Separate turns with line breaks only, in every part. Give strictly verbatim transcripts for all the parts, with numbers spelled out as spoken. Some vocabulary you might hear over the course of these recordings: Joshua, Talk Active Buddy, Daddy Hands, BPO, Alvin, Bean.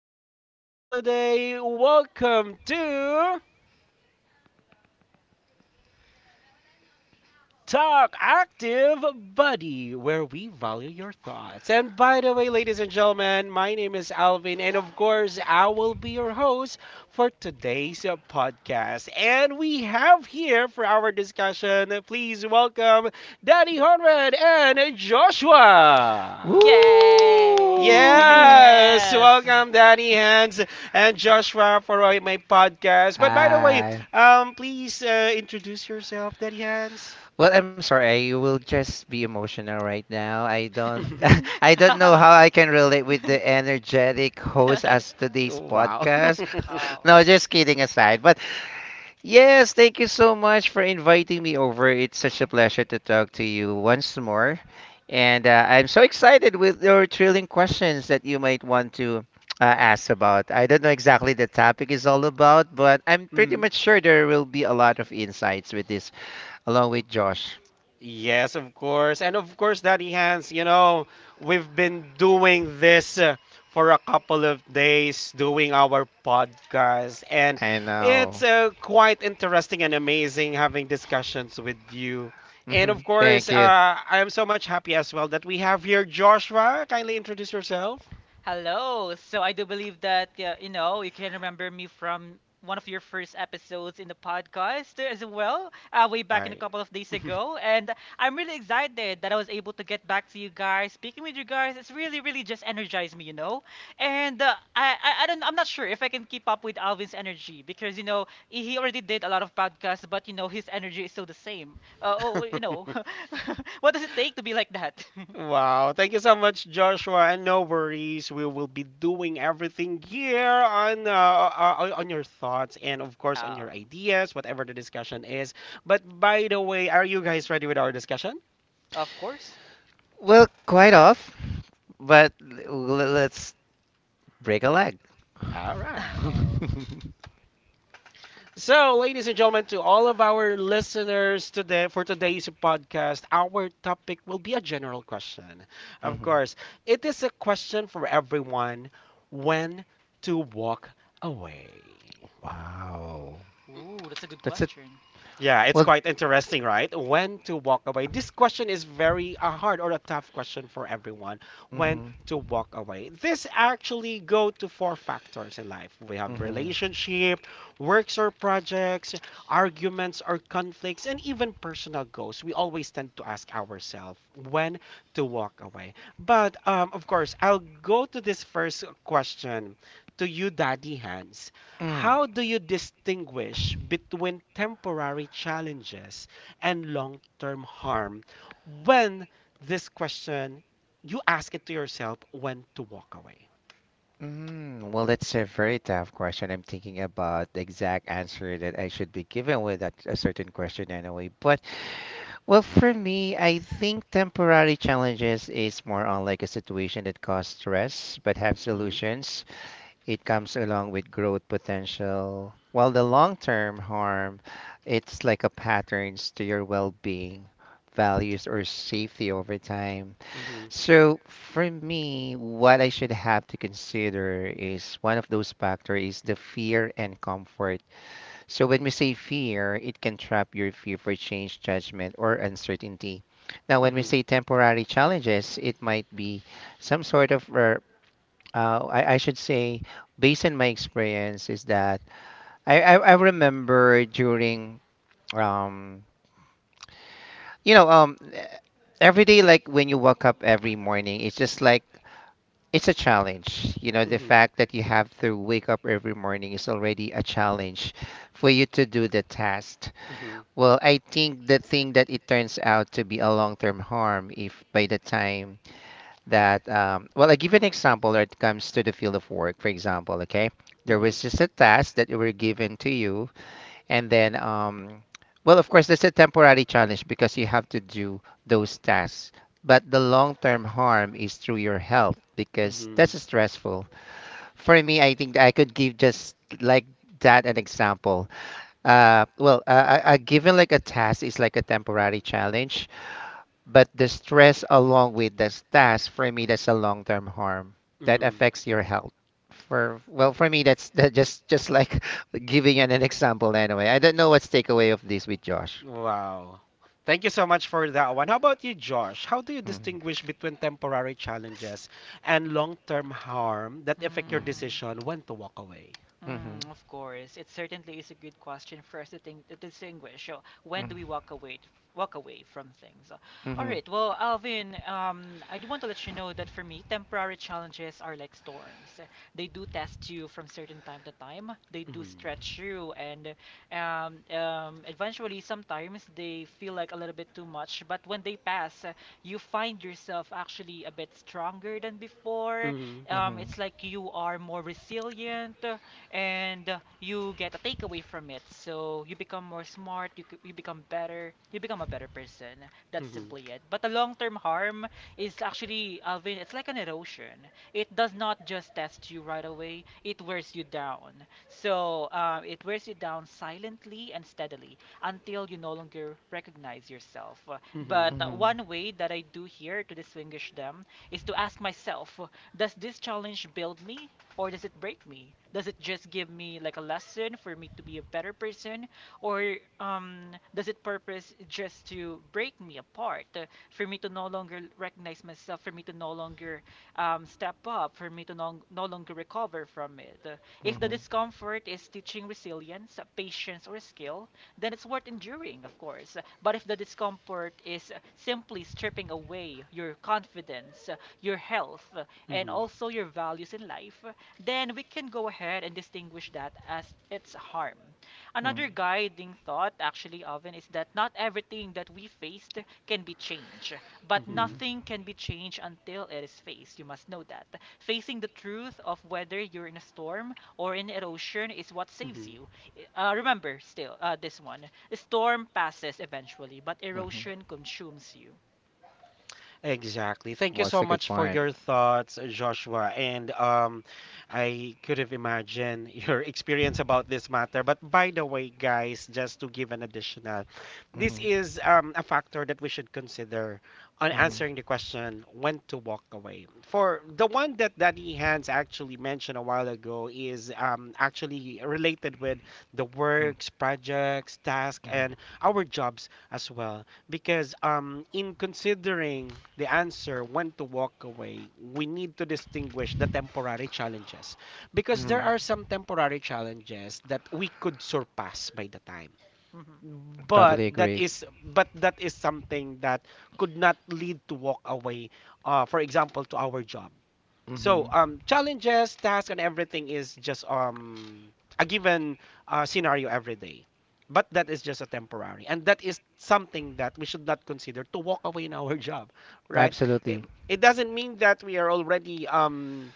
happy holiday. Welcome to Talk Active Buddy, where we value your thoughts. And by the way, ladies and gentlemen, my name is Alvin, and of course, I will be your host for today's uh, podcast. And we have here for our discussion, please welcome Daddy Honrad and Joshua.
Woo!
Yay!
Yes,
Yes!
welcome Danny Hands and Joshua for uh, my podcast. But by the way,
Hi.
um, please uh, introduce yourself, Danny Hands.
Well, I'm sorry. I will just be emotional right now. I don't I don't know how I can relate with the energetic host as today's
Wow.
podcast. No,
oh.
just kidding aside. But yes, thank you so much for inviting me over. It's such a pleasure to talk to you once more. And uh, I'm so excited with your thrilling questions that you might want to uh, ask about. I don't know exactly the topic is all about, but I'm pretty
Mhm.
much sure there will be a lot of insights with this, along with Josh.
Yes, of course. And of course, Daddy Hans, you know, we've been doing this uh, for a couple of days, doing our podcast. And
I
it's
know.
uh, quite interesting and amazing having discussions with you. And of
Mhm.
course,
Thank
uh,
you.
I am so much happy as well that we have here Joshua. Kindly introduce yourself.
Hello. So I do believe that uh, you know you can remember me from one of your first episodes in the podcast as well, uh, way
All
back in a
right.
couple of days ago. And I'm really excited that I was able to get back to you guys. Speaking with you guys, it's really, really just energized me, you know. And uh, I, I, I don't, I'm not sure if I can keep up with Alvin's energy because you know he already did a lot of podcasts, but you know his energy is still the same. Uh, oh, oh, you know, what does it take to be like that?
Wow, thank you so much, Joshua. And no worries, we will be doing everything here on uh, uh, uh, on your thoughts and of course on
Uh,
your ideas, whatever the discussion is. But by the way, are you guys ready with our discussion?
of course.
Well, quite off, but l- let's break a leg.
All right. So, ladies and gentlemen, to all of our listeners today for today's podcast, our topic will be a general question. Of
Mhm.
course, it is a question for everyone: when to walk away.
Wow.
Ooh, that's a good
That's a
question.
Yeah, it's
Well,
quite interesting, right? When to walk away. This question is very a hard or a tough question for everyone. When
mhm,
to walk away. This actually go to four factors in life. We have
mhm,
relationship, works or projects, arguments or conflicts, and even personal goals. We always tend to ask ourselves when to walk away. But um, of course, I'll go to this first question to you, Daddy Hans.
mm,
How do you distinguish between temporary challenges and long-term harm when this question you ask it to yourself when to walk away?
mm. Well, that's a very tough question. I'm thinking about the exact answer that I should be given with that a certain question anyway. But well, for me, I think temporary challenges is more on like a situation that cause stress but have
Mhm.
solutions. It comes along with growth potential. While the long-term harm, it's like a patterns to your well-being, values or safety over time.
mhm,
So for me, what I should have to consider is one of those factors is the fear and comfort. So when we say fear, it can trap your fear for change, judgment, or uncertainty. Now, when we
mhm,
say temporary challenges, it might be some sort of, uh, uh, I, I should say, based on my experience, is that I, I, I remember during, um, you know, um, every day, like when you wake up every morning, it's just like it's a challenge. You know, the
mhm,
fact that you have to wake up every morning is already a challenge for you to do the task.
mhm,
Well, I think the thing that it turns out to be a long term harm if by the time that, um, well, I give an example when it comes to the field of work, for example, okay? There
mhm,
was just a task that were given to you and then, um, well, of course, there's a temporary challenge because you have to do those tasks. But the long term harm is through your health because
mhm,
that's stressful. For me, I think that I could give just like that an example. Uh, well, a, a a given like a task is like a temporary challenge, but the stress along with the task for me, that's a long term harm that
mhm.
affects your health. For well, for me, that's that just just like giving an, an example anyway. I don't know what's takeaway of this with Josh.
Wow. Thank you so much for that one. How about you, Josh? How do you
Mhm,
distinguish between temporary challenges and long-term harm that affect your
mhm,
Hmm.
decision when to walk away?
mhm,
Mm, of course, it certainly is a good question for us to think to distinguish. So, when do we
mhm,
walk away t- walk away from things? Uh, All
mhm,
right. Well, Alvin, um, I do want to let you know that for me, temporary challenges are like storms. They do test you from certain time to time. They do
Mhm.
stretch you, and um, um, eventually, sometimes they feel like a little bit too much. But when they pass, uh, you find yourself actually a bit stronger than before.
mhm,
Um,
mhm,
it's like you are more resilient and uh, you get a takeaway from it. So you become more smart, you, c- you become better, you become a better person. That's
mhm,
simply it. But the long term harm is actually, Alvin, it's like an erosion. It does not just test you right away, it wears you down. So uh, it wears you down silently and steadily until you no longer recognize yourself. Uh,
mhm,
But uh,
mhm,
one way that I do here to distinguish them is to ask myself, does this challenge build me or does it break me? Does it just give me like a lesson for me to be a better person, or um, does it purpose just to break me apart, uh, for me to no longer recognize myself, for me to no longer um, step up, for me to no, no longer recover from it? Uh, If the discomfort is teaching resilience, uh, patience, or skill, then it's worth enduring, of course. Uh, But if the discomfort is uh, simply stripping away your confidence, uh, your health, uh, and
Mm-hmm.
also your values in life, then we can go ahead and distinguish that as its harm.
mhm, mhm,
Another guiding thought, actually, Alvin, is that not everything that we faced can be changed, but
Mm-hmm.
mhm,
nothing can be changed until it is faced. You must know that. Facing the truth of whether you're in a storm or in erosion is what saves
Mm-hmm.
you. Uh, remember, still, uh, this one. The storm passes eventually, but
mhm.
erosion consumes you.
Exactly. Thank you
What's
so
a good
much for
point.
your thoughts, Joshua. And um, I could have imagined your experience about this matter. But by the way, guys, just to give an additional, this
Mhm,
is um, a factor that we should consider on
mhm,
answering the question when to walk away. For the one that Daddy Hans actually mentioned a while ago is um, actually related with the
mhm,
works, projects, tasks, and our jobs as well. Because um, in considering the answer when to walk away, we need to distinguish the temporary challenges. Because there
mhm.
are
Mm-hmm.
some temporary challenges that we could surpass by the time.
Mm-hmm.
But
Totally
that
agree.
is but that is something that could not lead to walk away, uh, for example, to our job. So
Mhm.
um, challenges, tasks, and everything is just um a given uh, scenario every day. But that is just a temporary, and that is something that we should not consider to walk away in our job, right? It,
Absolutely.
it doesn't mean that we are already um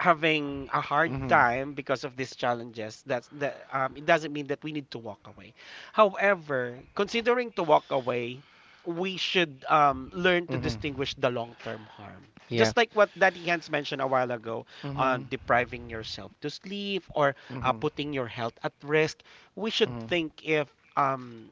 having a hard
Mhm,
time because of these challenges that's the um, it doesn't mean that we need to walk away, however, considering to walk away, we should um, learn to
mhm.
distinguish the long-term harm
Yeah.
just like what Daddy Hans mentioned a while ago
Mhm,
on depriving yourself to sleep or uh,
mhm,
putting your health at risk. We should
mhm.
think if um,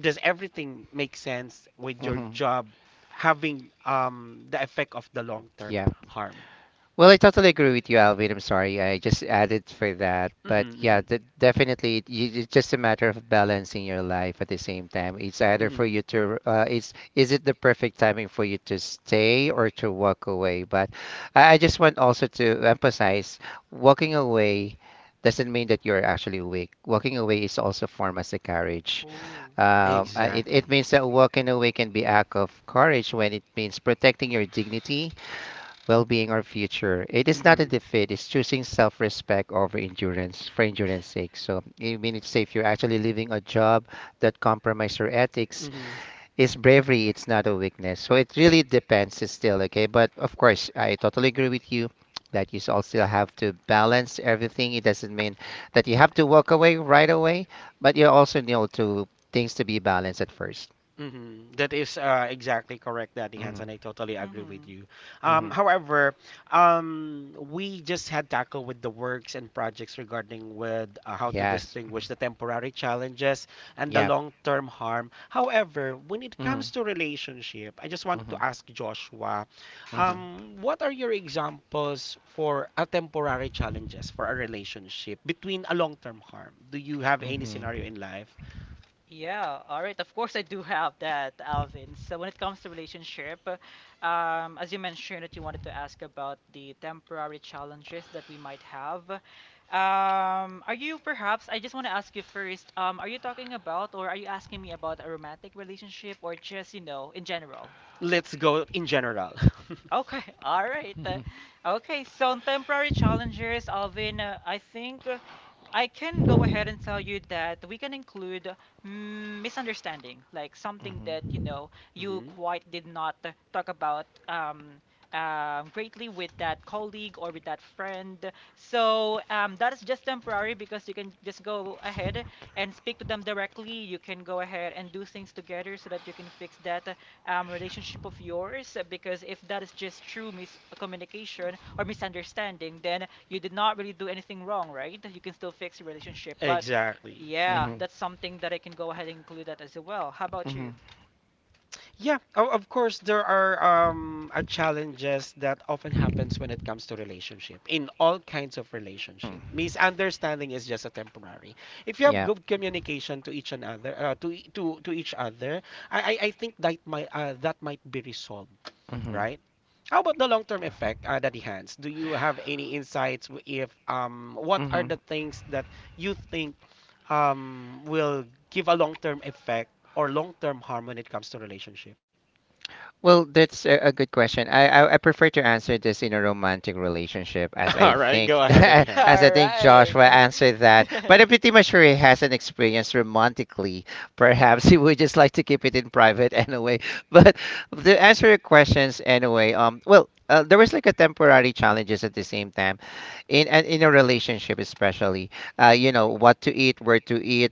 does everything make sense with your
Mm-hmm.
job having um, the effect of the long term
Yeah.
harm.
Well, I totally agree with you, Alvin. I'm sorry. I just added for that. But yeah,
Hmm
de definitely, it, y- it's just a matter of balancing your life at the same time. It's either for
hmm
you to, uh, it's, is it the perfect timing for you to stay or to walk away? But I, I just want also to emphasize walking away doesn't mean that you're actually weak. Walking away is also form as a courage.
Ooh.
Um, uh, it,
Exactly.
it means that walking away can be act of courage when it means protecting your dignity, well being, or future. It is not a
hmm
defeat, it's choosing self respect over endurance for endurance sake. So, I mean, it's if you're actually leaving a job that compromises your ethics,
hmm
it's bravery, it's not a weakness. So, it really depends, it's still okay. But of course, I totally agree with you that you all still have to balance everything. It doesn't mean that you have to walk away right away, but you also need to things to be balanced at first.
Mhm. That is uh, exactly correct, Daddy Hans, and
Mm-hmm.
I totally agree with
Mm-hmm.
you. Um,
Mm-hmm.
however, um, we just had tackle with the works and projects regarding with uh, how to
Yes.
distinguish
mhm,
the temporary challenges and the
Yeah.
long-term harm. However, when it comes
Mm-hmm.
to relationship, I just want to
Mm-hmm.
ask Joshua,
Mm-hmm.
um, what are your examples for a temporary challenges for a relationship between a long-term harm? Do you have any
Mm-hmm.
scenario in life?
Yeah, all right. Of course, I do have that, Alvin. So, when it comes to relationship, uh, um, as you mentioned that you wanted to ask about the temporary challenges that we might have, um, are you perhaps? I just want to ask you first. Um, are you talking about, or are you asking me about a romantic relationship, or just you know, in general?
Let's go in general.
Okay, all right. Uh,
Mhm.
okay, so on temporary challengers, Alvin, uh, I think uh, I can go ahead and tell you that we can include mm, misunderstanding, like something that, you
Mhm.
know, you
Mhm.
quite did not uh, talk about um, um, greatly with that colleague or with that friend. So um, that is just temporary because you can just go ahead and speak to them directly. You can go ahead and do things together so that you can fix that um, relationship of yours uh, because if that is just true miscommunication or misunderstanding, then you did not really do anything wrong, right? You can still fix your relationship. But
Exactly.
yeah, that's
Mhm.
something that I can go ahead and include that as well. How about you?
Mhm.
Yeah, o- of course there are um uh, challenges that often happens when it comes to relationship in all kinds of relationship.
Mhm.
Misunderstanding is just a temporary. If you have
Yeah.
good communication to each another, uh, to e- to to each other, I I, I think that might uh, that might be resolved,
Mhm.
right? How about the long-term effect, uh, Daddy Hans? Do you have any insights w- if um what are the
Mhm.
things that you think um, will give a long-term effect or long-term harm when it comes to relationship?
Well, that's a, a good question. I, I I prefer to answer this in a romantic relationship, as I
All right,
think
go ahead, Eddie
that, as I
Hans.
All
think
right.
Joshua answered that. But I'm pretty much sure he hasn't experienced romantically. Perhaps he would just like to keep it in private anyway. But to answer your questions anyway, um, well, uh, there was like a temporary challenges at the same time in and in a relationship, especially uh, you know, what to eat, where to eat,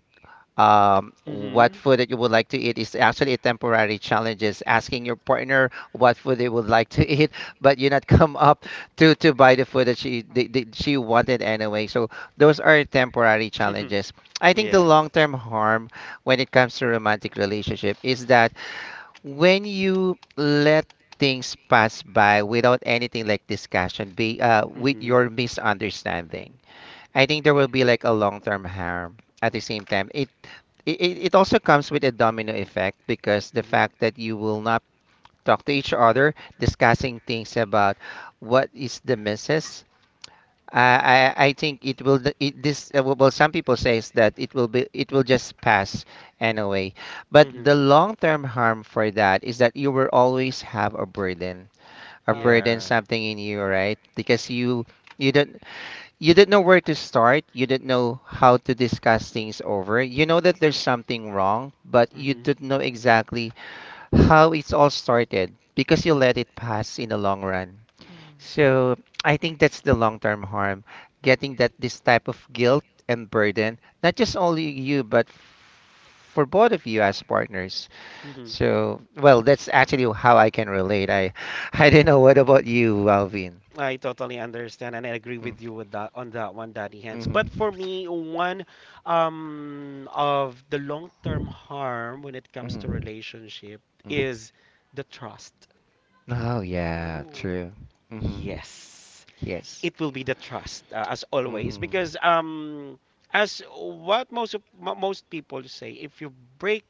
um,
Mm-hmm.
what food that you would like to eat is actually a temporary challenge. Is asking your partner what food they would like to eat, but you not come up to to buy the food that she the, the, she wanted anyway. So those are temporary challenges. I think the
Yes.
long term harm when it comes to romantic relationship is that when you let things pass by without anything like discussion be uh, with
mm-hmm.
your misunderstanding. I think there will be like a long-term harm at the same time. It, it it also comes with a domino effect because the
Mm-hmm.
fact that you will not talk to each other discussing things about what is the misses. I, I, I think it will th- it, this uh, well, some people says that it will be, it will just pass anyway. But
Mm-hmm.
the long term harm for that is that you will always have a burden, a
Oh.
burden,
Yeah.
something in you, right? Because you you don't, you didn't know where to start, you didn't know how to discuss things over. You know that there's something wrong, but you
Mm-hmm.
didn't know exactly how it's all started because you let it pass in the long run.
Hmm.
So I think that's the long term harm, getting that this type of guilt and burden, not just only you but f- for both of you as partners.
Mm-hmm.
So well, that's actually how I can relate. I I don't know what about you, Alvin.
I totally understand and I agree with you with that on that one, Daddy Hands. But
mm-hmm.
for me, one um of the long-term harm when it comes to
Mm-hmm.
relationship is the trust.
Oh yeah,
Ooh.
true. hmm
Yes,
Yes.
it will be the trust uh, as always
hmm
because um as what most of mo- most people say, if you break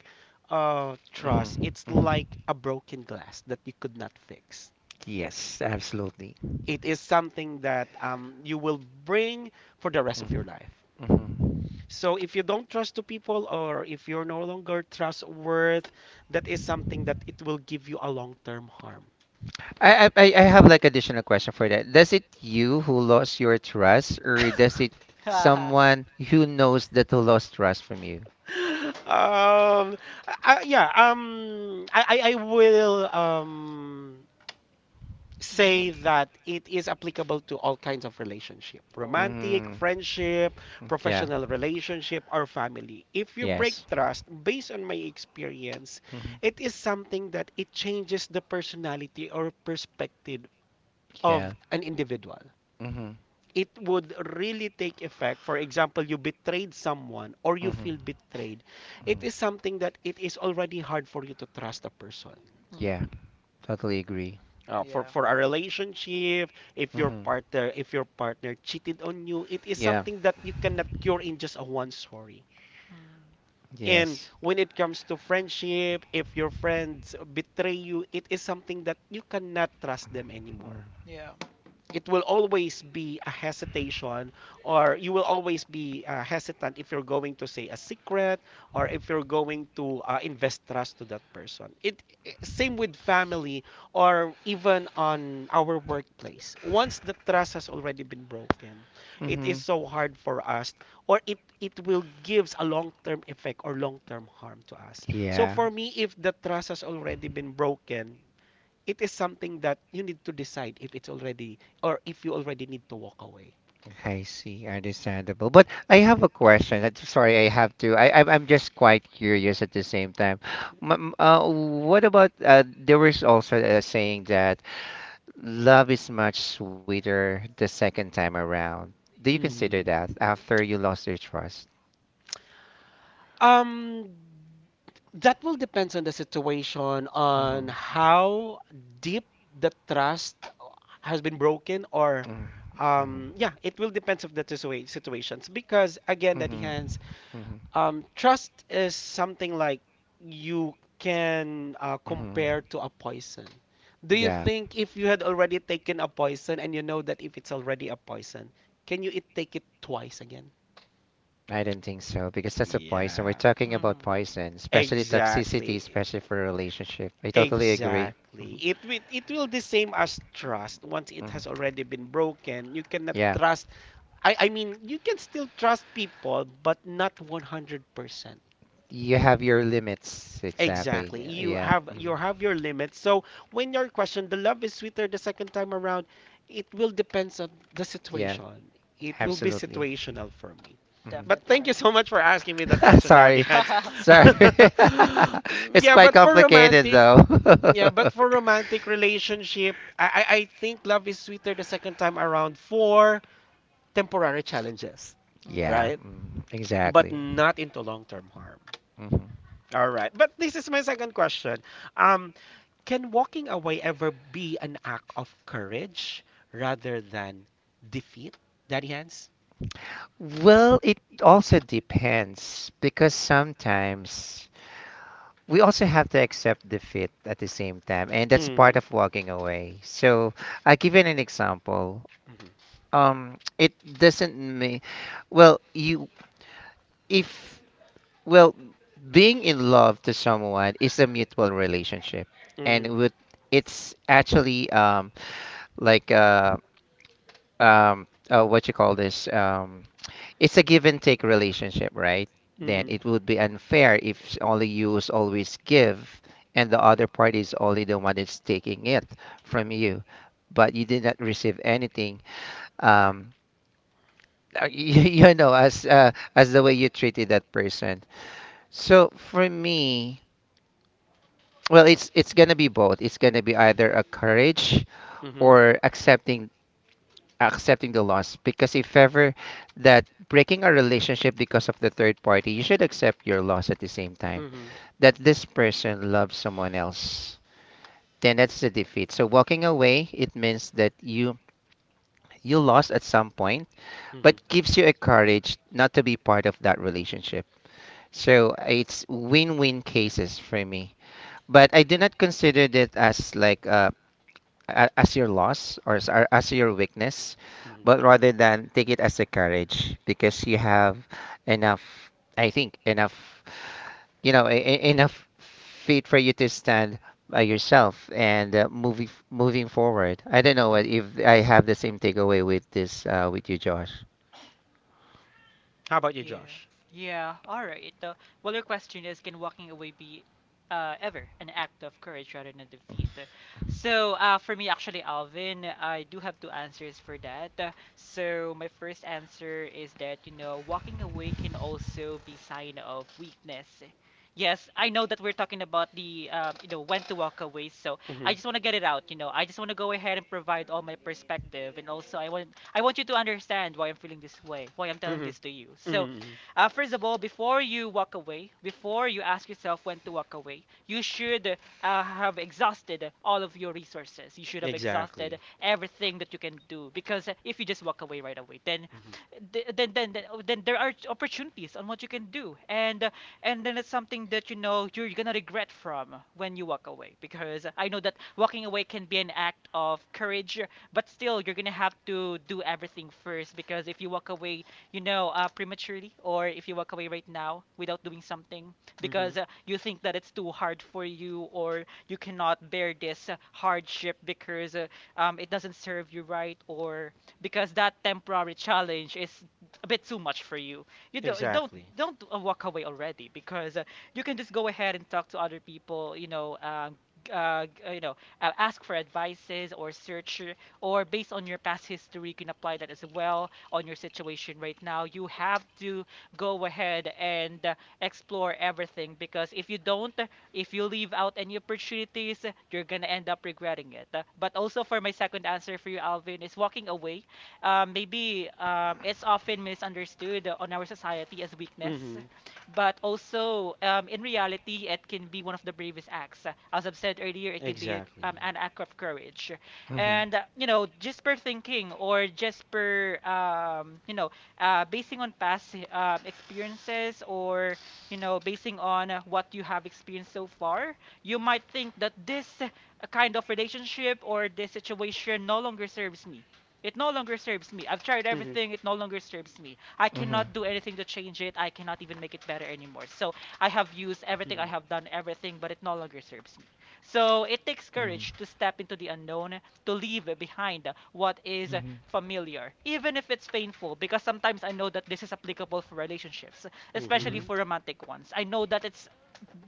uh trust,
hmm
it's
hmm
like a broken glass that you could not fix.
Yes, absolutely.
It is something that um you will bring for the rest of
hmm
your life.
hmm
So if you don't trust to people or if you're no longer trustworth, that is something that it will give you a long-term harm.
I, I I I have like additional question for that. Does it you who lost your trust, or does it
Haha.
someone who knows that who lost trust from you?
um I, I- yeah, um I, I I will um
Hmm.
say that it is applicable to all kinds of relationship:
Oh.
romantic,
Mm,
friendship,
yeah.
professional relationship, or family. If you break
Yes.
trust based on my experience,
hmm
it is something that it changes the personality or perspective of
Yeah.
an individual.
hmm
It would really take effect. For example, you betrayed someone or you
hmm
feel betrayed. It is
hmm
something that it is already hard for you to trust a person.
Hmm.
Yeah. Totally agree.
Uh, for for a relationship, if your
hmm
partner if your partner cheated on you, it is
Yeah.
something that you cannot cure in just a one story.
Hmm.
And
Yes.
when it comes to friendship, if your friends betray you, it is something that you cannot trust them anymore.
Yeah.
It will always be a hesitation, or you will always be uh, hesitant if you're going to say a secret or if you're going to uh, invest trust to that person. it i- same with family or even on our workplace. Once the trust has already been broken, it is
Mm-hmm.
so hard for us, or it it will gives a long-term effect or long-term harm to us. So
Yeah,
for me, if the trust has already been broken, it is something that you need to decide if it's already or if you already need to walk away.
I see. Understandable. But I have a question. I'm sorry, I have to. I, I'm I'm just quite curious at the same time. M- m- uh, what about uh, there was also a saying that love is much sweeter the second time around. Do you consider
Mm.
that after you lost your trust?
Um, that will depends on the situation,
Mhm,
on how deep the trust has been broken, or
mhm, mhm,
um, yeah, it will depends of the situa- situations because again, that
mhm,
hands.
mhm,
Um, trust is something like you can uh,
mhm.
compare to a poison. Do you
Yeah.
think if you had already taken a poison and you know that if it's already a poison, can you it take it twice again?
I don't think so because that's a poison. We're talking about
Hmm.
poison, especially toxicity,
Exactly.
especially for a relationship. I totally agree.
Exactly.
Mhm,
It will it will the same as trust. Once it has
mhm.
already been broken, you cannot
Yeah,
trust. I I mean, you can still trust people, but not one hundred percent.
you have your limits
Exactly.
exactly.
You
Yeah,
have
mhm.
you have your limits. So when you're questioned, the love is sweeter the second time around. It will depends on the
Yeah,
situation. It will be
absolutely.
situational for me.
Mhm.
But
Definitely
thank you
right.
so much for asking me that question, Daddy
Sorry,
Hans.
sorry.
Mm,
It's
yeah,
quite
but for
complicated
romantic,
though.
yeah, but for romantic relationship, I, I I think love is sweeter the second time around for temporary challenges,
Yeah,
Hmm.
right?
mm,
But
exactly.
not into long-term harm.
Mhm.
All right. But this is my second question. Um, can walking away ever be an act of courage rather than defeat, Daddy Hans?
Well, it also depends because sometimes we also have to accept defeat at the same time and that's
Mm-hmm.
part of walking away. So I give you an example.
Mm-hmm.
Um it doesn't mean well you if well Being in love to someone is a mutual relationship,
Mm-hmm.
and with, it's actually um like uh um uh, what you call this, um it's a give and take relationship, right? Then
Mm-hmm.
it would be unfair if only you is always give and the other party is only the one that's taking it from you, but you did not receive anything. Um, uh, you, you know, as uh, as the way you treated that person. So for me, well, it's it's gonna be both. It's gonna be either a courage
Mm-hmm.
or accepting accepting the loss, because if ever that breaking a relationship because of the third party, you should accept your loss at the same time that this person loves someone else. Then that's the defeat. So walking away, it means that you you lost at some point, but
Mm-hmm.
gives you a courage not to be part of that relationship. So it's win-win cases for me, but I do not consider that as like uh, a- as your loss, or as, or as your weakness, but rather than take it as a courage because you have enough, I think, enough, you know, e- e- enough feet for you to stand by yourself and uh, moving moving forward. I don't know what,
Mm-hmm.
if I have the same takeaway with this uh, with you, Josh.
How about you,
Yeah.
Josh?
Yeah. All right. Uh, well, your question is, can walking away be uh, ever an act of courage rather than defeat? Uh, So, uh, for me, actually, Alvin, I do have two answers for that. Uh, so, my first answer is that, you know, walking away can also be sign of weakness. Yes, I know that we're talking about the, um, you know, when to walk away. So I
Mm-hmm.
just want to get it out. You know, I just want to go ahead and provide all my perspective, and also I want I want you to understand why I'm feeling this way, why I'm telling
Mm-hmm.
this to you. So
Mm-hmm.
uh, first of all, before you walk away, before you ask yourself when to walk away, you should uh, have exhausted all of your resources. You should have exhausted
Exactly.
everything that you can do, because if you just walk away right away, then then then then, oh, then there are opportunities on what you can do, and uh, and then it's something that you know you're gonna regret from when you walk away, because I know that walking away can be an act of courage, but still you're gonna have to do everything first. Because if you walk away, you know, uh, prematurely, or if you walk away right now without doing something because
Mm-hmm.
uh, you think that it's too hard for you, or you cannot bear this uh, hardship because uh, um, it doesn't serve you right, or because that temporary challenge is a bit too much for you. You don't don't
Exactly.
don't uh, walk away already, because uh, you can just go ahead and talk to other people. You know. Um, uh, g- uh, you know, uh, ask for advices or search, or based on your past history, you can apply that as well on your situation right now. You have to go ahead and uh, explore everything, because if you don't, if you leave out any opportunities, you're gonna end up regretting it. Uh, But also for my second answer for you, Alvin, is walking away. Um, maybe um, it's often misunderstood on our society as weakness,
Mm-hmm.
but also um, in reality, it can be one of the bravest acts. As I've said earlier, it can be
Exactly.
um, an act of courage.
hmm hmm
And uh, you know, just per thinking or just per um, you know, uh, basing on past um, experiences, or you know, basing on uh, what you have experienced so far, you might think that this uh, kind of relationship or this situation no longer serves me. It no longer serves me. I've tried
Mm-hmm.
everything. It no longer serves me. I cannot do anything to change it. I cannot even make it better anymore. So I have used everything. I have
Mm-hmm.
done everything, but it no longer serves me. So it takes courage to step into the unknown, to leave behind what is
hmm hmm
familiar, even if it's painful. Because sometimes I know that this is applicable for relationships, especially
Mm-hmm.
for romantic ones. I know that it's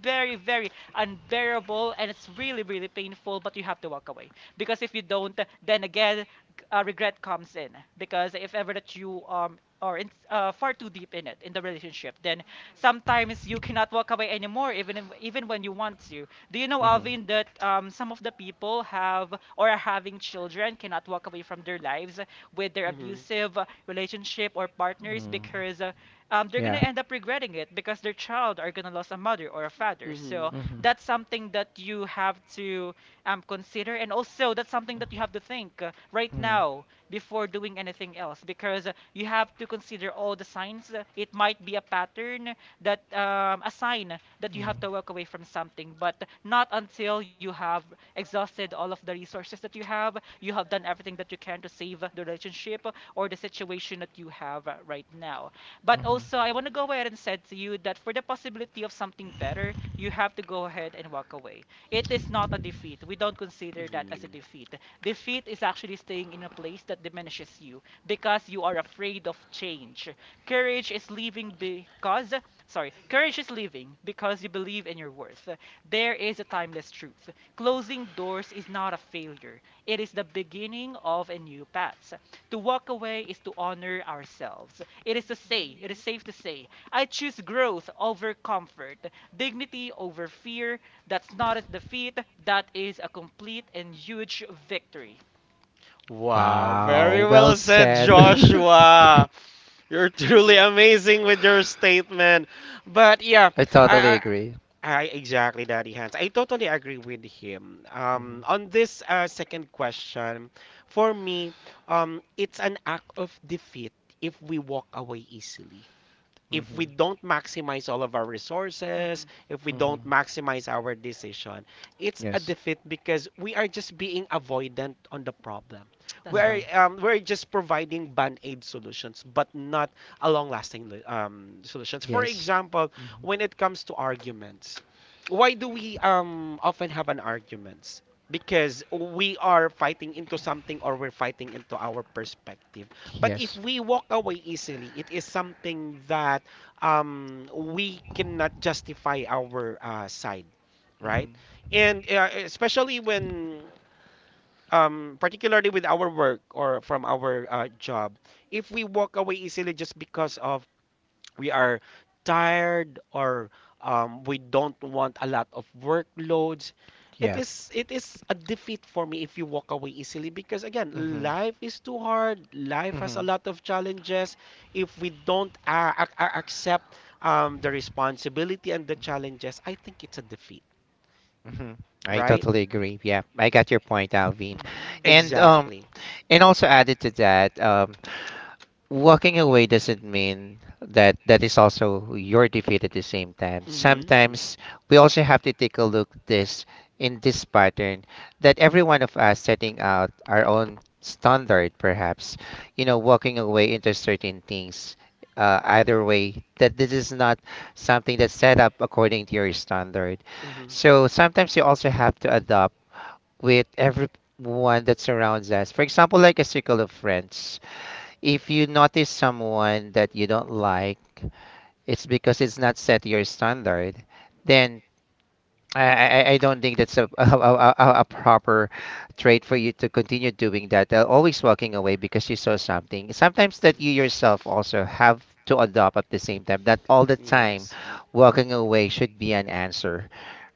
very, very unbearable and it's really, really painful, but you have to walk away. Because if you don't, then again, uh, regret comes in. Because if ever that you um, are in, uh, far too deep in it, in the relationship, then sometimes you cannot walk away anymore even if, even when you want to. Do you know,
hmm hmm
Alvin, that um, some of the people have or are having children cannot walk away from their lives with their
Mm-hmm.
abusive uh, relationship or partners,
Mm.
because uh, um, they're gonna
Yeah.
end up regretting it, because their child are gonna lose a mother or a father. So
Mhm.
that's something that you have to um, consider. And and also that's something that you have to think uh, right
Mm.
now before doing anything else, because uh, you have to consider all the signs. Uh, it might be a pattern, that um, a sign that you
Mm.
have to walk away from something, but not until you have exhausted all of the resources that you have, you have done everything that you can to save the relationship or the situation that you have uh, right now. But
Mhm.
also I want to go ahead and said to you that for the possibility of something better, you have to go ahead and walk away. It is not a defeat. We don't consider that as a
Mm-hmm.
defeat. Defeat is actually staying in a place that diminishes you because you are afraid of change. Courage is leaving because, sorry, courage is leaving because you believe in your worth. There is a timeless truth. Closing doors is not a failure, it is the beginning of a new path. To walk away is to honor ourselves. It is to say, it is safe to say, I choose growth over comfort, dignity over fear. That's not a defeat, that is a complete and huge victory.
Wow,
Wow,
very
well
well said,
said.
Joshua. You're
Thank
truly
you.
amazing with your statement. But yeah,
I totally
I,
agree.
I, I exactly, Daddy Hans. I totally agree with him.
hmm
Um, on this uh, second question, for me, um, it's an act of defeat if we walk away easily, if we
hmm
don't maximize all of our resources,
Hmm.
if we don't
hmm
maximize our decision, it's a
Yes.
defeat because we are just being avoidant on the problem.
That's
We're
hmm
right.
um, we're just providing band-aid solutions, but not a long-lasting um, solutions. For
Yes.
example,
hmm
when it comes to arguments, why do we um often have an arguments? Because we are fighting into something or we're fighting into our perspective. But if
Yes.
we walk away easily, it is something that um, we cannot justify our uh, side, right?
hmm
And uh, especially when, um, particularly with our work or from our uh, job, if we walk away easily just because of we are tired or um, we don't want a lot of workloads, it
Yeah.
is it is a defeat for me if you walk away easily. Because again,
hmm
life is too hard, life has a
hmm
lot of challenges. If we don't uh, ac- ac- accept um, the responsibility and the challenges, I think it's a defeat,
hmm I
right?
totally agree. Yeah, I got your point, Alvin.
Hmm.
And um
Exactly.
and also added to that, um walking away doesn't mean that that is also your defeat at the same time.
Mm-hmm,
Sometimes we also have to take a look this in this pattern that every one of us setting out our own standard perhaps, you know, walking away into certain things uh, either way that this is not something that's set up according to your standard.
mm-hmm,
So sometimes you also have to adapt with everyone that surrounds us. For example, like a circle of friends, if you notice someone that you don't like, it's because it's not set to your standard, then I, I I don't think that's a, a, a, a a proper trait for you to continue doing that. Uh, always walking away because you saw something. Sometimes that you
mm-hmm,
yourself also have to adopt at the same time. That all the time,
yes,
walking away should be an answer.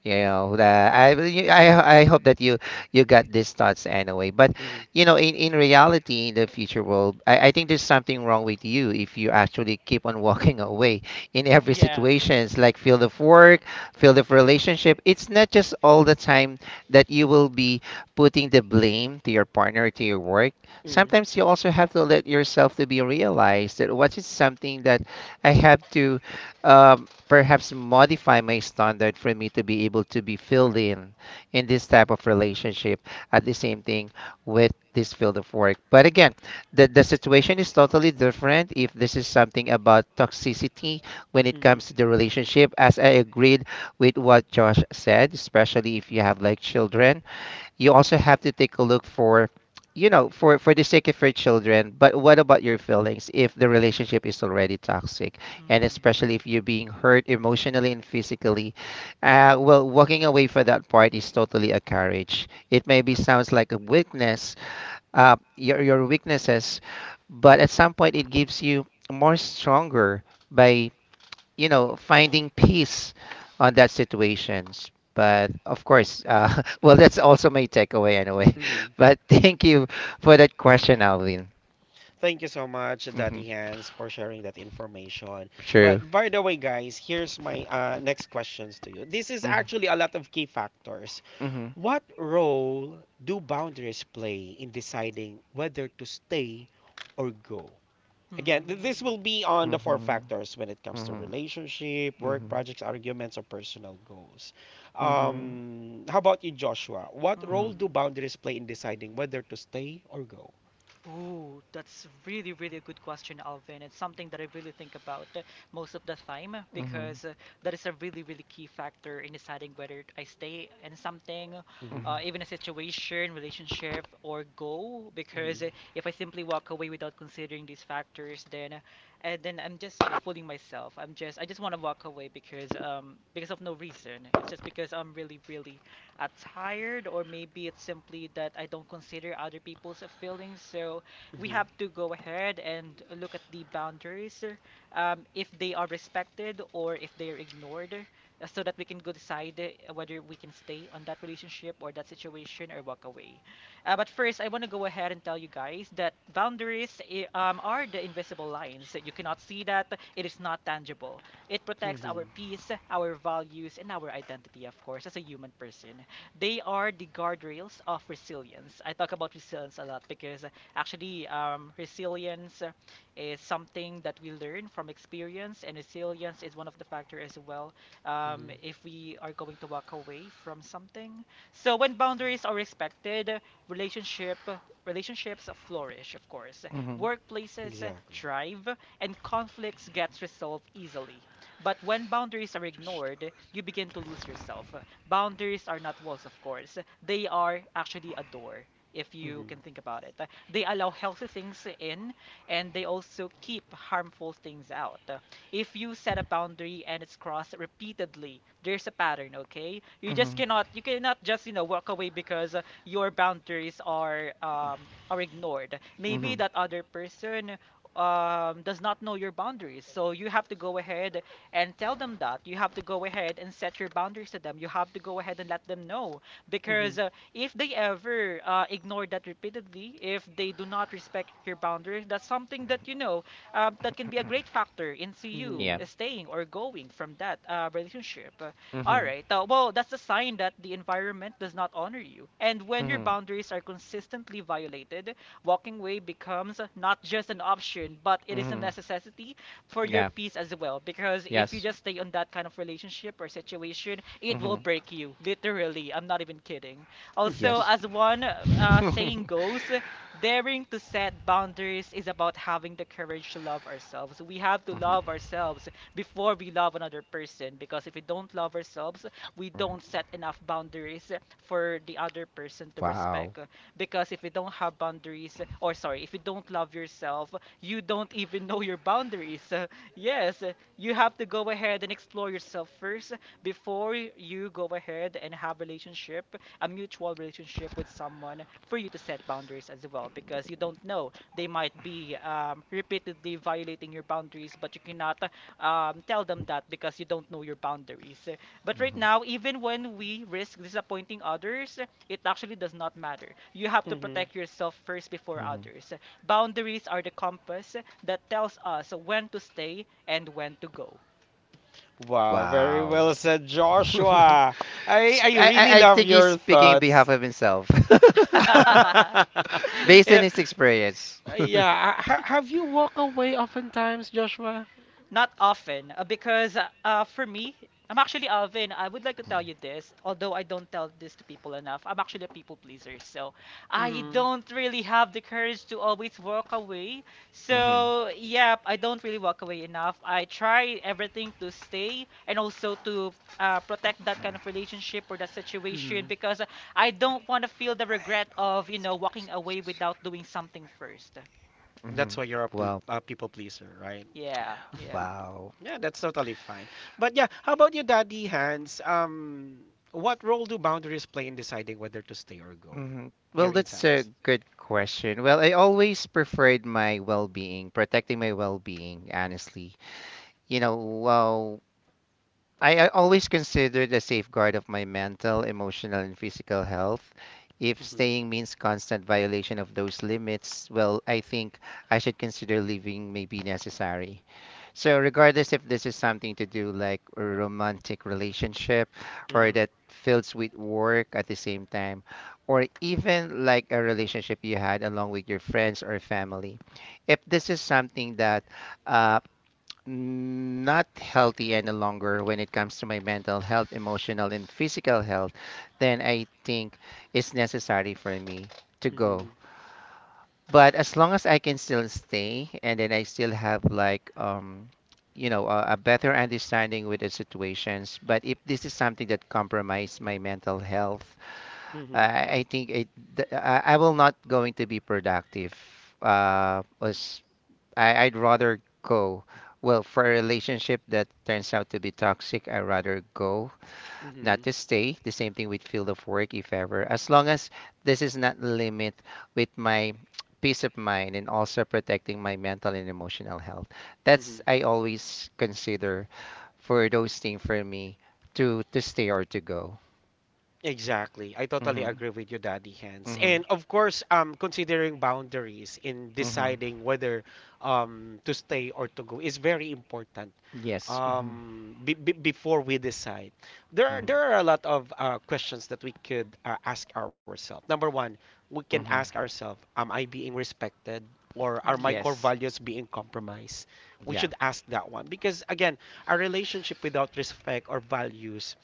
You know, the, I, you- I I hope that you you got these thoughts anyway. But
mm-hmm,
you know, in, in reality, in the future world, I, I think there's something wrong with you if you actually keep on walking away in every
Yeah.
situations like field of work, field of relationship, it's not just all the time that you will be putting the blame to your partner, to your work.
mm-hmm,
Sometimes you also have to let yourself to be realized that what is something that I have to um, perhaps modify my standard for me to be able to be filled in in this type of relationship at the same thing with this field of work. But again, the, the situation is totally different if this is something about toxicity when it
mm-hmm.
comes to the relationship. As I agreed with what Josh said, especially if you have like children. You also have to take a look for, you know, for for the sake of your children. But what about your feelings if the relationship is already toxic, and
Hmm.
especially if you're being hurt emotionally and physically? Uh, well, walking away for that part is totally a courage. It maybe sounds like a weakness, uh, your your weaknesses, but at some point it gives you more stronger by, you know, finding peace on that situations. But of course, uh, well, that's also my takeaway anyway.
Mm-hmm.
But thank you for that question, Alvin.
Thank you so much,
Hmm.
Daddy Hans, for sharing that information.
True.
But by the way, guys, here's my uh, next questions to you. This is
Mm-hmm.
actually a lot of key factors.
Hmm.
What role do boundaries play in deciding whether to stay or go?
Hmm.
Again, th-
Mm-hmm.
this will be on the four
Hmm.
factors when it comes
Hmm.
to
Hmm.
relationship, work
Hmm.
projects, arguments, or personal goals.
Hmm.
Mm-hmm.
Um, how about you, Joshua? What role do
Mm-hmm.
boundaries play in deciding whether to stay or go?
Ooh, that's really, really a good question, Alvin. It's something that I really think about uh, most of the time because uh, that is a really, really key factor in deciding whether I stay in something,
Hmm,
uh, even a situation, relationship, or go. Because
hmm,
uh, if I simply walk away without considering these factors, then uh, and then I'm just fooling myself. I'm just I just want to walk away because um because of no reason. It's just because I'm really, really uh, tired, or maybe it's simply that I don't consider other people's feelings. So we have to go ahead and look at the boundaries, um, if they are respected or if they are ignored, uh, so that we can go decide uh, whether we can stay on that relationship or that situation or walk away. Uh, but first, I want to go ahead and tell you guys that boundaries i- um, are the invisible lines. So you cannot see that. It is not tangible. It
hmm,
protects
hmm.
our peace, our values, and our identity, of course, as a human person. They are the guardrails of resilience. I talk about resilience a lot because uh, actually, um, resilience uh, is something that we learn from experience, and resilience is one of the factors as well um,
Mhm.
if we are going to walk away from something. So when boundaries are respected, uh, relationship relationships flourish, of course.
Hmm.
Workplaces uh,
Exactly.
thrive, and conflicts gets resolved easily. But when boundaries are ignored, you begin to lose yourself. Boundaries are not walls, of course. They are actually a door, if you can
Mhm.
think about it. They allow healthy things in, and they also keep harmful things out. If you set a boundary and it's crossed repeatedly, there's a pattern, okay? You just
Hmm.
cannot you cannot just, you know, walk away because uh, your boundaries are um are ignored. Maybe
Hmm.
that other person um, does not know your boundaries. So you have to go ahead and tell them that you have to go ahead and set your boundaries to them, you have to go ahead and let them know,
Mhm.
because uh, if they ever uh, ignore that repeatedly, if they do not respect your boundaries, that's something that, you know, um, that can be a great factor into you
Yeah.
Mhm.
staying or going from that uh, relationship. Uh, all
Hmm.
right, uh, well, that's a sign that the environment does not honor you, and when your
Hmm.
boundaries are consistently violated, walking away becomes not just an option, but it is a
Hmm.
necessity for your
Yeah.
peace as well. Because if you
Yes.
just stay on that kind of relationship or situation, it will
Hmm.
break you. Literally, I'm not even kidding. Also,
Yes.
as one uh, saying goes, daring to set boundaries is about having the courage to love ourselves. We have to love
Mhm.
ourselves before we love another person. Because if we don't love ourselves, we don't set enough boundaries for the other person to
Wow.
respect. Because if you don't have boundaries, or sorry, if you don't love yourself, you don't even know your boundaries. Uh, yes, uh, you have to go ahead and explore yourself first before y- you go ahead and have relationship, a mutual relationship with someone for you to set boundaries as well, because you don't know, they might be um, repeatedly violating your boundaries, but you cannot uh, um, tell them that because you don't know your boundaries. But right
Hmm.
now, even when we risk disappointing others, it actually does not matter. You have to
Mhm.
protect yourself first before others. Boundaries are the compass that tells us when to stay and when to go.
Wow, very
Wow.
well said, Joshua. I
Sp-
I
I
really
I I
love
think he's
your
speaking on behalf
thoughts.
of himself. Based on
Yeah,
his experience.
yeah. Uh, Ha- have you walked away oftentimes, Joshua?
Not often, uh, because uh, uh, for me, I'm actually Alvin. I would like to tell you this, although I don't tell this to people enough. I'm actually a people pleaser, so I
Mhm.
don't really have the courage to always walk away.
Hmm.
So, yeah, I don't really walk away enough. I try everything to stay and also to uh, protect that kind of relationship or that situation
Mhm.
because I don't want to feel the regret of, you know, walking away without doing something first.
Hmm.
That's why you're a, pe-
Well,
a people pleaser, right?
Yeah, yeah.
wow.
Yeah, that's totally fine. But yeah, how about you, Daddy Hans? Um, what role do boundaries play in deciding whether to stay or go?
Hmm. Well,
Your
that's a
insights.
good question. Well, I always preferred my well-being, protecting my well-being, honestly. You know, well. I, I always consider the safeguard of my mental, emotional, and physical health. If staying means constant violation of those limits, well, I think I should consider leaving may be necessary. So, regardless if this is something to do like a romantic relationship or
Mhm.
that fills with work at the same time, or even like a relationship you had along with your friends or family, if this is something that uh, not healthy any longer when it comes to my mental health, emotional, and physical health, then I think it's necessary for me to go.
Mhm.
But as long as I can still stay and then I still have like um you know, a, a better understanding with the situations, but if this is something that compromise my mental health,
Mhm.
I, I think it th- I, I will not going to be productive uh, as I, I'd rather go. Well, for a relationship that turns out to be toxic, I'd rather go, not
Mhm.
to stay. The same thing with field of work, if ever. As long as this is not limit with my peace of mind and also protecting my mental and emotional health. That's
Mhm.
I always consider for those things for me to to stay or to go.
Exactly. I totally
Mm-hmm.
agree with you, Daddy Hands.
Mm-hmm.
And of course, um, considering boundaries in
Mm-hmm.
deciding whether um to stay or to go is very important,
Yes. Mm-hmm.
um, be, be, before we decide. There are,
Mm-hmm.
there are a lot of uh, questions that we could uh, ask ourselves. Number one, we can
Hmm.
ask ourselves, am I being respected or are my
Hmm.
core
Yes.
values being compromised? We
Yeah.
should ask that one because again, a relationship without respect or values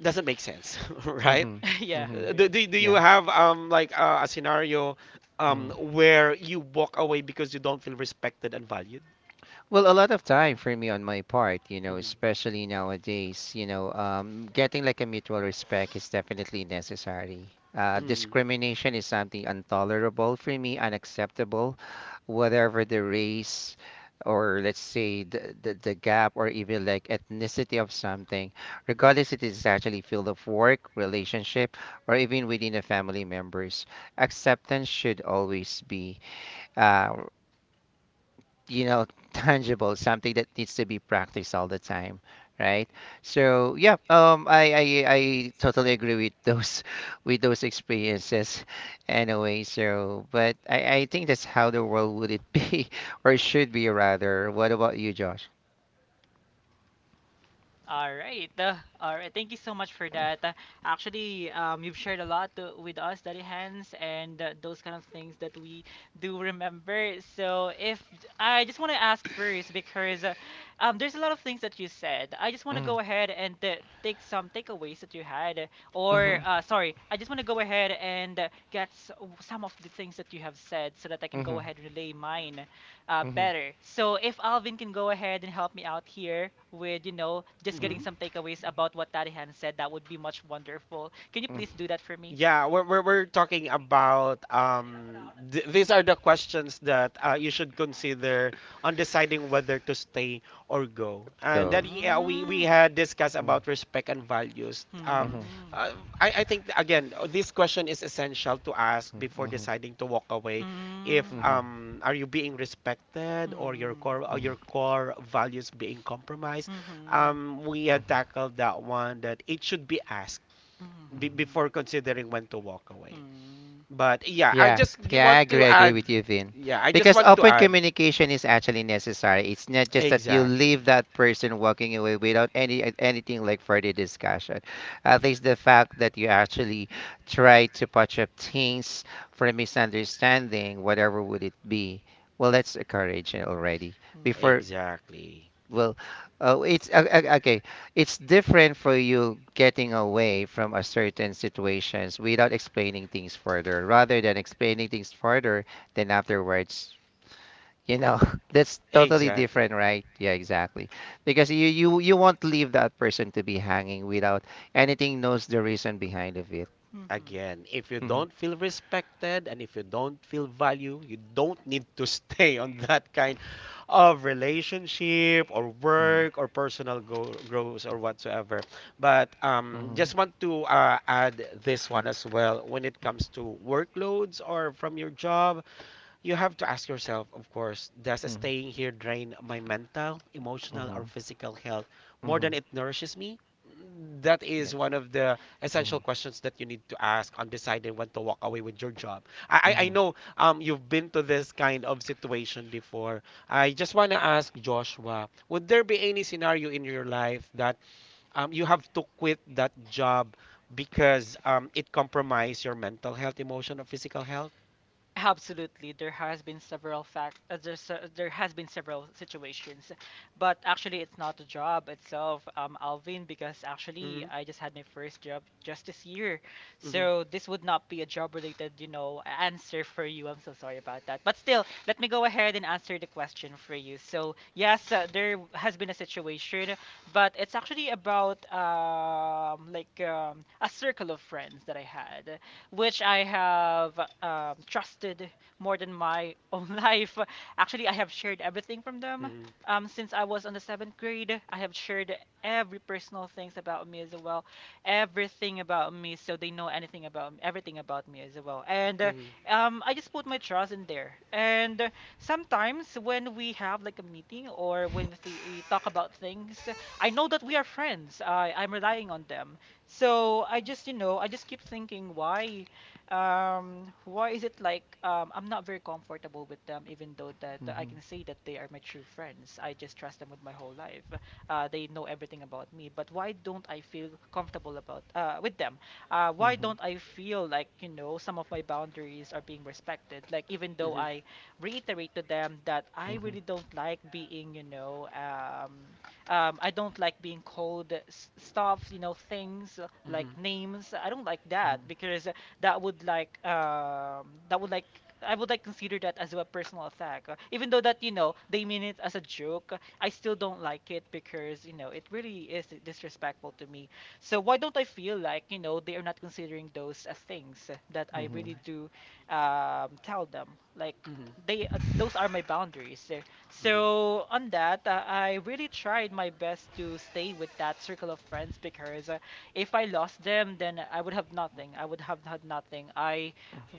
doesn't make sense, right?
Mm-hmm.
Yeah,
Mm-hmm.
Uh, Do,
really.
do, do you
Yeah.
have um like uh, a scenario um
Mm-hmm.
where you walk away because you don't feel respected and valued?
Well, a lot of time for me on my part, you know,
Mhm.
especially nowadays, you know, um, getting like a mutual respect is definitely necessary. Uh,
Mhm.
discrimination is something intolerable for me, unacceptable, whatever the race or let's say the, the, the gap or even like ethnicity of something, regardless it is actually field of work, relationship, or even within the family members. Acceptance should always be. uh, you know, tangible something that needs to be practiced all the time, right? So yeah, um i i, I totally agree with those with those experiences anyway. So but i i think that's how the world would it be or should be rather. What about you, Josh?
All right. Uh, all right. Thank you so much for that. Uh, actually, um, you've shared a lot to, with us, Daddy Hands, and uh, those kind of things that we do remember. So, if I just want to ask first, because uh, um, there's a lot of things that you said. I just want to
Mhm.
go ahead and uh, take some takeaways that you had, or
Mhm.
uh, sorry, I just want to go ahead and uh, get s- some of the things that you have said so that I can go
Mhm.
ahead and relay mine uh,
Mhm.
better. So if Alvin can go ahead and help me out here with, you know,
Mhm.
just getting
Mhm.
some takeaways about what Tarihan said, that would be much wonderful. Can you
Mm.
please do that for me?
Yeah, we're, we're, we're talking about um, th these are the questions that uh, you should consider on deciding whether to stay or go. And
Go.
then yeah, we, we
Hmm.
had discussed
Mm-hmm.
about respect and values. Um,
Mhm,
Hmm.
uh, I, I think, again, this question is essential to ask
mhm,
before
mhm,
deciding to walk away. If
Hmm.
mhm,
um, are you being respected or your
Hmm.
core, or
mhm,
your core values being compromised?
Mhm.
Um, we had
mhm,
tackled that one that it should be asked be-
Mhm.
mhm.
before considering when to walk
Hmm.
away.
Hmm.
But yeah, I
Yeah,
just g-
yeah, I
want to
agree, I agree
add.
with you, Vin.
Yeah, I just
Because
want to
open
add.
communication is actually necessary. It's not just that you leave
Exactly.
that person walking away without any uh, anything like further discussion. At least the fact that you actually try to patch up things for a misunderstanding, whatever would it be. Well, that's a courage already. Before,
Hmm.
Exactly.
well, oh, it's o- o- okay. It's different for you getting away from a certain situations without explaining things further, rather than explaining things further, then afterwards, you know, that's totally
Exactly.
different, right? Yeah, exactly. Because you you you won't leave that person to be hanging without anything knows the reason behind of it.
Hmm. Hmm.
Again, if you
Mm-hmm,
don't feel respected and if you don't feel value, you don't need to stay on that kind of relationship or
mm-hmm,
work or personal go- growth or whatsoever. But um,
mm-hmm,
just want to uh, add this one as well when it comes to workloads or from your job. You have to ask yourself, of course, does staying here drain my mental, emotional, or
mm-hmm,
physical health more than
mm-hmm,
it nourishes me? That
yeah.
is one of the
Mm-hmm,
essential questions that you need to ask on deciding when to walk away with your job. I, I I know um, you've been to this kind of situation before. I just want to ask Joshua, would there be any scenario in your life that um, you have to quit that job because um, it compromised your mental health, emotional, or physical health?
Absolutely, there has been several fact. Uh, there's, uh, there has been several situations, but actually, it's not the job itself, um, Alvin, because actually,
Hmm,
I just had my first job just this year,
hmm.
so this would not be a job-related, you know, answer for you. I'm so sorry about that, but still, let me go ahead and answer the question for you. So yes, uh, there has been a situation, but it's actually about um, like um, a circle of friends that I had, which I have um, trusted more than my own life. Actually, I have shared everything from them. Um, since I was on the seventh grade, I have shared every personal things about me as well, everything about me, so they know anything about everything about me as well. And uh,
Mhm.
um, I just put my trust in there. And uh, sometimes when we have like a meeting or when we th- talk about things, I know that we are friends. I I'm relying on them. So I just, you know, I just keep thinking why, um, why is it like um, I'm not very comfortable with them, even though that I
mm-hmm.
can say that they are my true friends. I just trust them with my whole life. Uh, they know everything about me. But why don't I feel comfortable about uh, with them? Uh, why
Mhm.
don't I feel like, you know, some of my boundaries are being respected? Like even though
Mhm.
I reiterate to them that I really don't like being, you know, um. Um, I don't like being called s- stuff, you know, things uh, like
Mhm.
names. I don't like that because that would like um, that would like, I would like consider that as a personal attack. Uh, Even though that you know they mean it as a joke, I still don't like it because you know it really is disrespectful to me. So why don't I feel like you know they are not considering those as things that
Mhm.
I
Mhm.
really do um, tell them like
Mhm.
they uh, those are my boundaries. Uh,
Mhm.
so on that, uh, I really tried my best to stay with that circle of friends because uh, if I lost them, then I would have nothing. I would have had nothing. I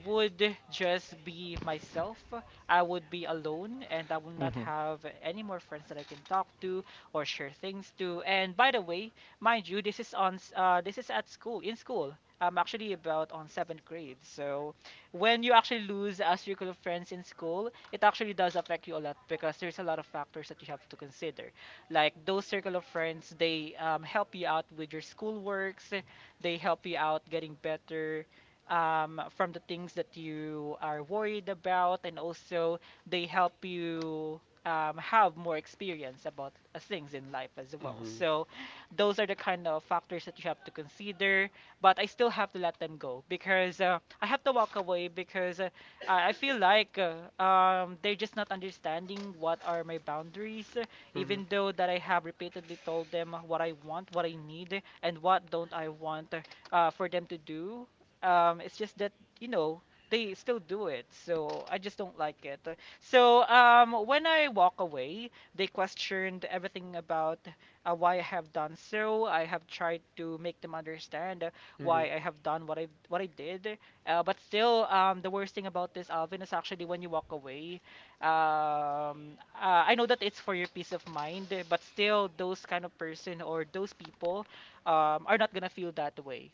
would just be myself. I would be alone, and I would not
Mhm.
have any more friends that I can talk to or share things to. And by the way, mind you, this is on s- uh, this is at school in school. I'm actually about on seventh grade, so when you actually lose a circle of friends in school, it actually does affect you a lot because there's a lot of factors that you have to consider. Like those circle of friends, they um, help you out with your school works, they help you out getting better um, from the things that you are worried about, and also they help you. Um, have more experience about uh, things in life as well.
Mhm.
So, those are the kind of factors that you have to consider, but I still have to let them go because uh, I have to walk away because uh, I I feel like uh, um, they're just not understanding what are my boundaries, uh,
Mhm.
even though that I have repeatedly told them what I want, what I need, and what don't I want uh, uh, for them to do. Um, it's just that, you know, they still do it, so I just don't like it. So um, when I walk away, they questioned everything about uh, why I have done so. I have tried to make them understand
Mhm.
why I have done what I what I did. Uh, but still, um, the worst thing about this, Alvin, is actually when you walk away. Um, uh, I know that it's for your peace of mind, but still, those kind of person or those people um, are not gonna feel that way.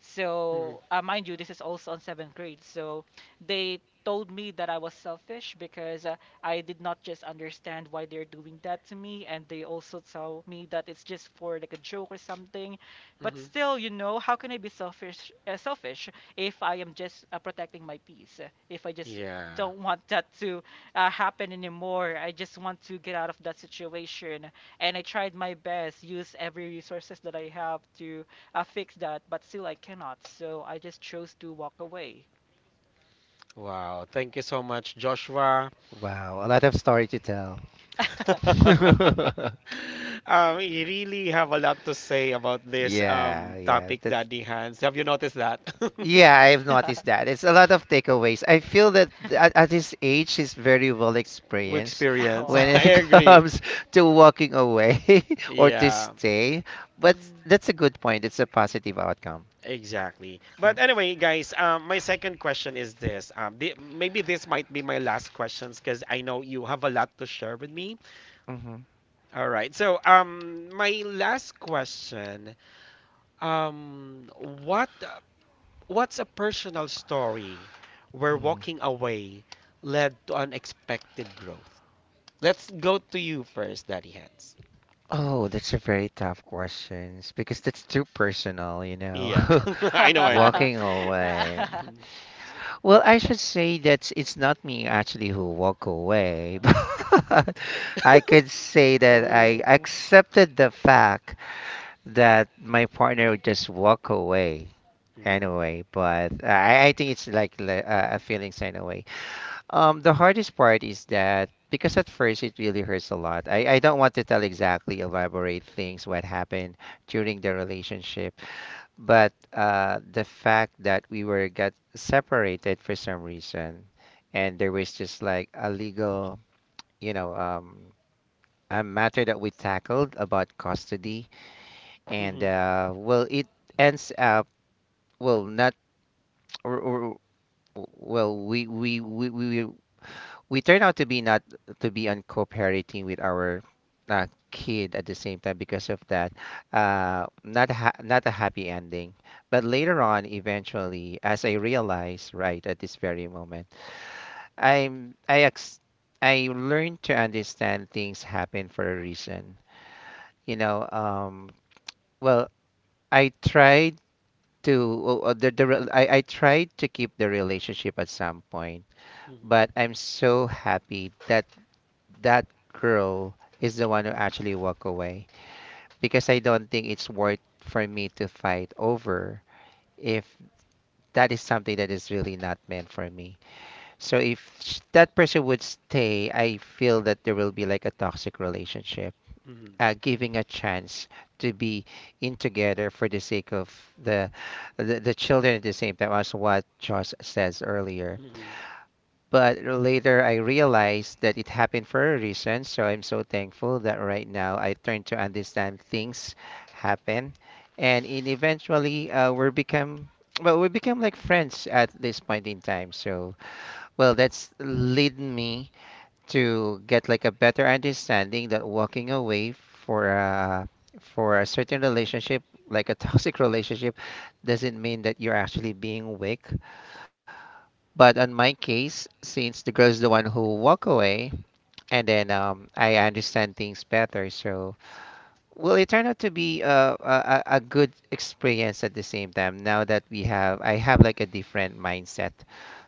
Mhm.
So, uh, mind you, this is also on seventh grade, so they told me that I was selfish because uh, I did not just understand why they're doing that to me, and they also tell me that it's just for like a joke or something. But
Mhm.
still, you know, how can I be selfish uh, selfish if I am just uh, protecting my peace? uh, If I just
Yeah.
don't want that to uh, happen anymore. I just want to get out of that situation. And I tried my best, use every resources that I have to uh, fix that, but still I cannot. So I just chose to walk away.
Wow. Thank you so much, Joshua.
Wow, a lot of story to tell.
Um, you really have a lot to say about this
Yeah,
um
yeah.
topic,
That's,
Daddy Hans. Have you noticed that?
yeah, I've noticed that. It's a lot of takeaways. I feel that th- at, at his age, he's very well
With
experienced
experience.
when
I
Wow.
it
agree.
comes to walking away or to
Yeah,
stay. But
Mm.
that's a good point. It's a positive outcome.
exactly. But anyway, guys, um, my second question is this. Um, the, maybe this might be my last questions because I know you have a lot to share with me.
Mm-hmm.
All right. So, um, my last question, um, what what's a personal story where
Hmm.
walking away led to unexpected growth? Let's go to you first, Daddy Hands.
Oh, that's a very tough question because that's too personal, you know.
Yeah, I know, I know.
Walking away.
Mhm.
Well, I should say that it's not me actually who walk away, but I could say that I
Ooh.
accepted the fact that my partner would just walk away
Mhm.
anyway. But I, I think it's like le- uh, a feelings anyway. Um, the hardest part is that because at first it really hurts a lot. I, I don't want to tell exactly elaborate things what happened during the relationship, but uh, the fact that we were got separated for some reason, and there was just like a legal, you know, um, a matter that we tackled about custody, and
Mhm.
uh, well, it ends up well not, or, or well, we we we we we turn out to be not to be uncooperating with our uh, kid at the same time because of that, uh, not ha- not a happy ending, but later on eventually as I realize right at this very moment, i'm i ex- I learned to understand things happen for a reason, you know. Um, well, I tried to, uh, the, the re- I, I tried to keep the relationship at some point,
Mhm.
but I'm so happy that that girl is the one who actually walk away, because I don't think it's worth for me to fight over if that is something that is really not meant for me. So if sh- that person would stay, I feel that there will be like a toxic relationship.
Mhm.
Uh, giving a chance to be in together for the sake of the, the the children at the same time as what Josh says earlier.
Mhm.
But later I realized that it happened for a reason, so I'm so thankful that right now I turn to understand things happen. And in eventually uh, we become, well, we become like friends at this point in time. So, well, that's lead me to get like a better understanding that walking away for a, for a certain relationship, like a toxic relationship, doesn't mean that you're actually being weak. But on my case, since the girl's the one who walk away, and then um, I understand things better, so well, it turned out to be uh, a, a a good experience at the same time. Now that we have, I have like a different mindset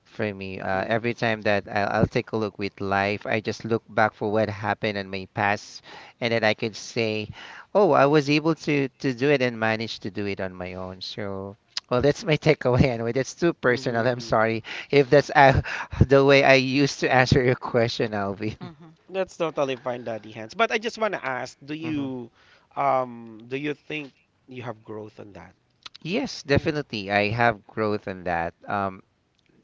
for me. Uh,
Mhm.
every time that I'll, I'll take a look with life, I just look back for what happened in my past, and then I could say, "Oh, I was able to to do it and managed to do it on my own." So, well, that's my takeaway. Anyway, that's too personal. I'm
Mhm.
sorry if that's uh, the way I used to answer your question, Alvin.
Mhm.
That's totally fine, Daddy Hands. But I just want to ask, do
Hmm.
you, um, do you think you have growth on that?
Yes,
Ooh.
definitely. I have growth in that. Um,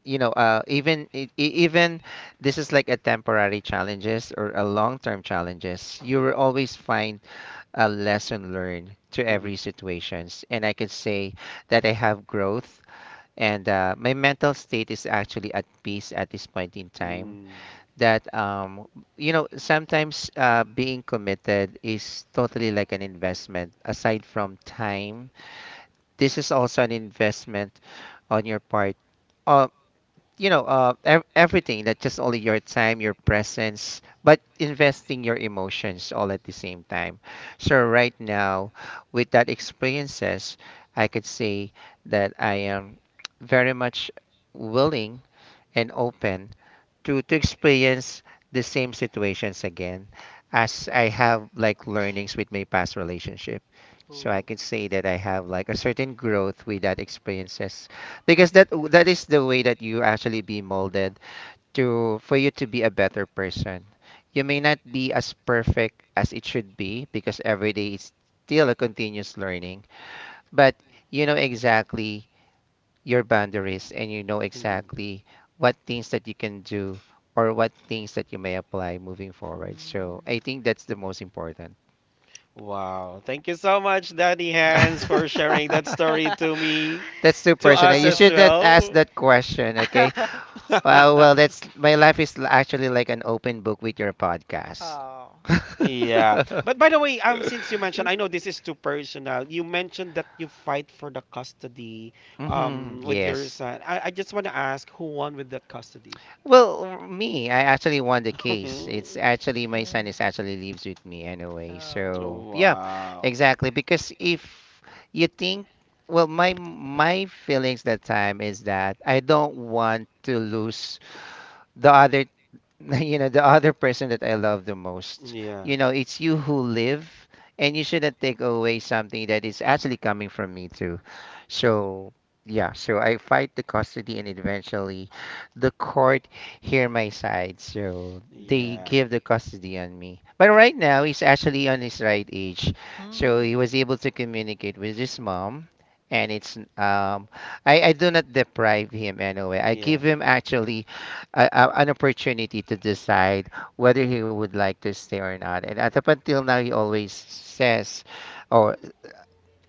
you know uh, even e- e- even this is like a temporary challenges or a long-term challenges. You will always find a lesson learned to
Mhm.
every situations, and I could say that I have growth. And uh, my mental state is actually at peace at this point in time.
Mm,
That um, you know sometimes uh, being committed is totally like an investment. Aside from time, this is also an investment on your part. uh, you know, uh, ev- Everything that just only your time, your presence, but investing your emotions all at the same time. So right now, with that experiences, I could say that I am very much willing and open to to experience the same situations again, as I have like learnings with my past relationship. So I
Ooh.
can say that I have like a certain growth with that experiences, because that that is the way that you actually be molded to, for you to be a better person. You may not be as perfect as it should be, because every day is still a continuous learning, but you know exactly your boundaries, and you know
mm.
exactly what things that you can do or what things that you may apply moving forward. So
Mm.
I think that's the most important.
Wow. Thank you so much, Daddy Hans, for sharing that story to me,
That's too
to
personal.
us
You
as
Wow.
should not ask
well.
that question, okay? Well, well, that's my life is l- actually like an open book with your podcast.
Oh.
Yeah. But by the way, um, since you mentioned, I know this is too personal. You mentioned that you fight for the custody,
Hmm.
hmm.
um, with your
Yes.
son. I, I just want to ask who won with that custody?
Well, me, I actually won the case. It's actually my son is
Eh.
actually lives with me anyway.
Oh.
So yeah,
Wow.
exactly. Because if you think, well, my my feelings that time is that I don't want to lose the other you know the other person that I love the most.
Yeah.
You know, it's you who live, and you shouldn't take away something that is actually coming from me too. So yeah, so I fight the custody, and eventually, the court hear my side. So they
Yeah.
give the custody on me. But right now, he's actually on his right age, so
Hmm.
he was able to communicate with his mom. And it's um, I, I do not deprive him anyway. I
Yeah.
give him actually a, a- an opportunity to decide whether he would like to stay or not. And at up until now, he always says, or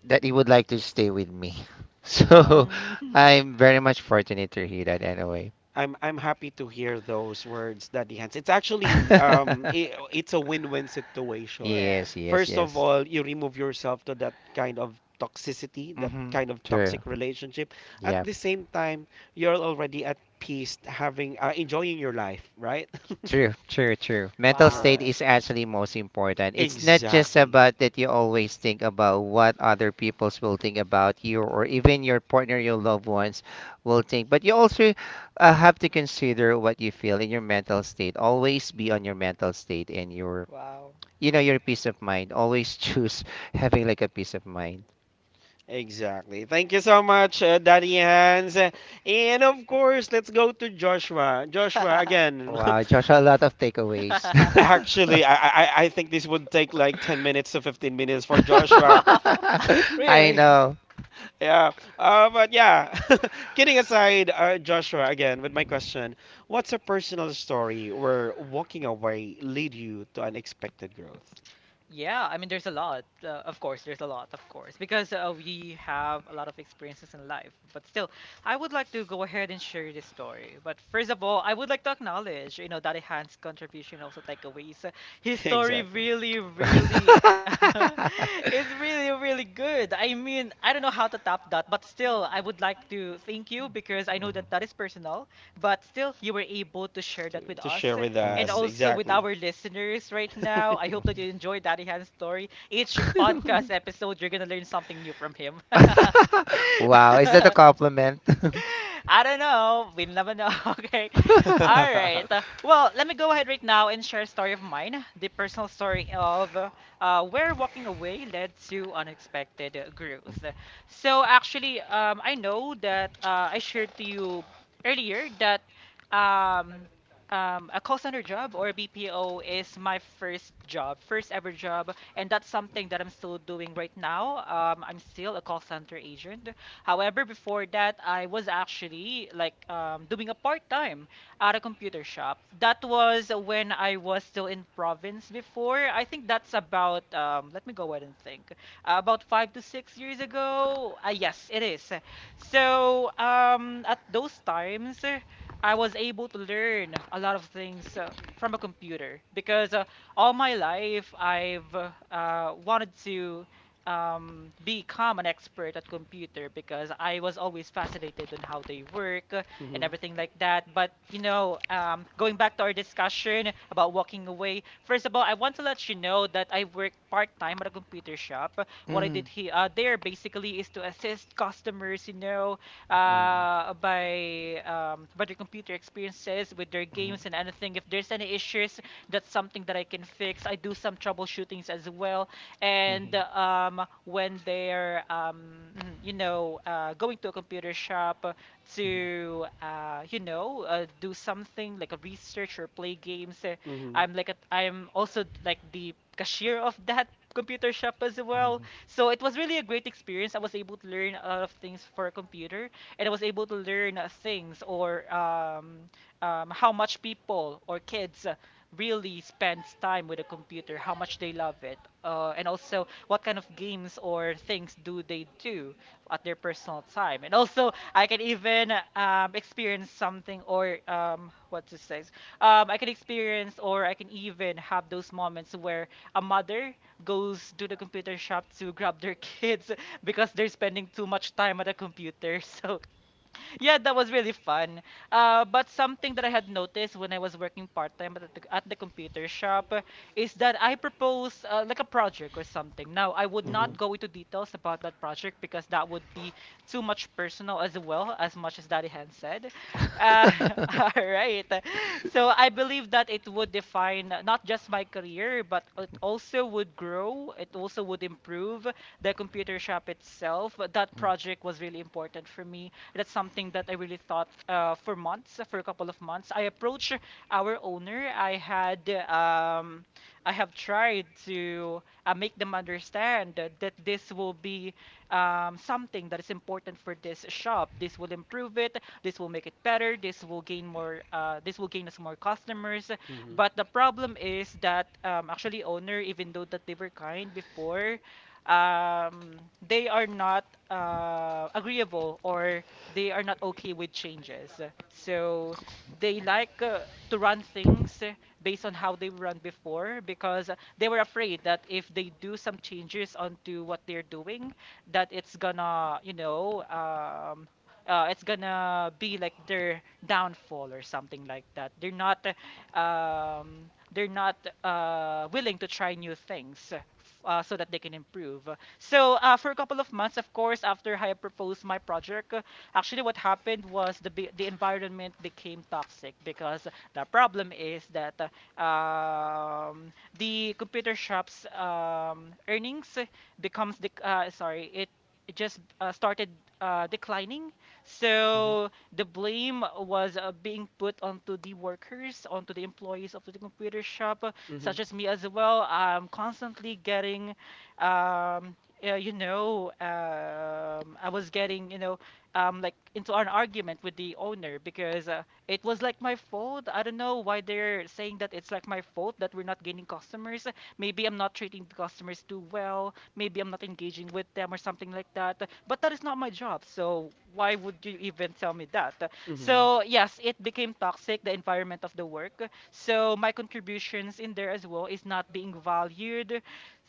that he would like to stay with me. So
Wow.
Hmm.
I'm very much fortunate to hear that anyway.
I'm I'm happy to hear those words, Daddy Hans. It's actually um I it's a win-win situation.
Yeah.
Yes, yes,
First of
yes.
all, you remove yourself to that kind of toxicity, that
Mm-hmm.
kind of
True.
toxic relationship. At
Yeah.
the same time, you're already at peace, having uh, enjoying your life, right?
True, true, true.
All
Mental state
Wow.
right.
is actually most important. It's not just
Exactly.
about that you always think about what other peoples will think about you, or even your partner, your loved ones will think, but you also uh, have to consider what you feel in your mental state. Always be on your mental state and your
Wow.
you know your peace of mind. Always choose having like a peace of mind.
Exactly. Thank you so much, uh, Daddy Hans. And of course, let's go to Joshua. Joshua, again,
Wow, Joshua, a lot of takeaways.
actually, I, I I think this would take like ten minutes to fifteen minutes for Joshua.
Wow.
I
Really?
know.
Yeah. Uh, but yeah, kidding aside, uh, Joshua, again, with my question, what's a personal story where walking away lead you to unexpected growth?
Yeah, I mean, there's a lot. Uh, of course, there's a lot, of course, because uh, we have a lot of experiences in life. But still, I would like to go ahead and share this story. But first of all, I would like to acknowledge, you know, Daddy Hans' contribution, also takeaways. Uh, His story
Exactly.
really, really, it's really, really good. I mean, I don't know how to top that, but still, I would like to thank you because I know that that is personal. But still, you were able to share
To,
that with
to share
us,
with
and
us.
Mhm.
also with
Exactly.
our listeners right now. I hope that you enjoyed Daddy Han's story. Each podcast
Mhm.
episode, you're gonna learn something new from him.
Wow, is that a compliment?
I don't know. We'll never know. Okay. All right. Uh, Well, let me go ahead right now and share a story of mine. The personal story of uh, where walking away led to unexpected uh, growth. So, actually, um, I know that uh, I shared to you earlier that um, um, a call center job or B P O is my first job, first ever job, and that's something that I'm still doing right now. Um, I'm still a call center agent. However, before that, I was actually like um, doing a part time at a computer shop. That was when I was still in province before. I think that's about, um, let me go ahead and think, uh, about five to six years ago. Uh, yes, it is. So um, at those times, uh, I was able to learn a lot of things uh, from a computer because uh, all my life I've uh, wanted to um, become an expert at computer because I was always fascinated on how they work uh, and
Mhm,
everything like that. But you know, um, going back to our discussion about walking away, first of all, I want to let you know that I work part time at a computer shop. What I
Mm.
did here, uh, there basically is to assist customers, you know,
Mm.
uh, by um, by their computer experiences with their
Mm.
games and anything. If there's any issues, that's something that I can fix. I do some troubleshootings as well. And um, when they're um, mm, you know uh, going to a computer shop to uh, you know uh, do something like a research or play games, uh,
mhm,
I'm like a, I'm also like the cashier of that computer shop as well. So it was really a great experience. I was able to learn a lot of things for a computer, and I was able to learn uh, things or um, um, how much people or kids uh, really spends time with a computer, how much they love it, uh, and also what kind of games or things do do they do at their personal time. And also, I can even um, experience something or um, what to say. Um, I can experience or I can even have those moments where a mother goes to the computer shop to grab their kids because they're spending too much time at a computer. So yeah, that was really fun. Uh, but something that I had noticed when I was working part time at the, at the computer shop uh, is that I proposed uh, like a project or something. Now, I would
mhm,
not go into details about that project because that would be too much personal as well, as much as Daddy Han said. Uh, all right. So I believe that it would define uh, not just my career, but it also would grow, it also would improve the computer shop itself. That project was really important for me, that's something that I really thought uh, for months, for a couple of months. I approached our owner. I had um, I have tried to uh, make them understand that that this will be um, something that is important for this shop. This will improve it. This will make it better. This will gain more. Uh, this will gain us more customers.
mhm,
But the problem is that um, actually owner, even though that they were kind before, um, they are not uh, agreeable or they are not okay with changes. So they like uh, to run things uh, based on how they run before because uh, they were afraid that if they do some changes onto what they're doing, that it's gonna, you know, um, uh, it's gonna be like their downfall or something like that. They're not um, they're not uh, willing to try new things uh, so that they can improve. So uh, for a couple of months, of course, after I proposed my project, uh, actually what happened was the be- the environment became toxic because the problem is that uh, um, the computer shop's um, earnings becomes the uh, sorry, it it just uh, started uh, declining.
mhm,
So the blame was uh, being put onto the workers, onto the employees of the computer shop, uh,
mhm,
such as me as well. I'm constantly getting, um, uh, you know, um, I was getting, you know, um, like into an argument with the owner because uh, it was like my fault. I don't know why they're saying that it's like my fault that we're not gaining customers. Maybe I'm not treating the customers too well, maybe I'm not engaging with them or something like that. But that is not my job. So why would you even tell me that?
mhm,
So yes, it became toxic, the environment of the work. So my contributions in there as well is not being valued,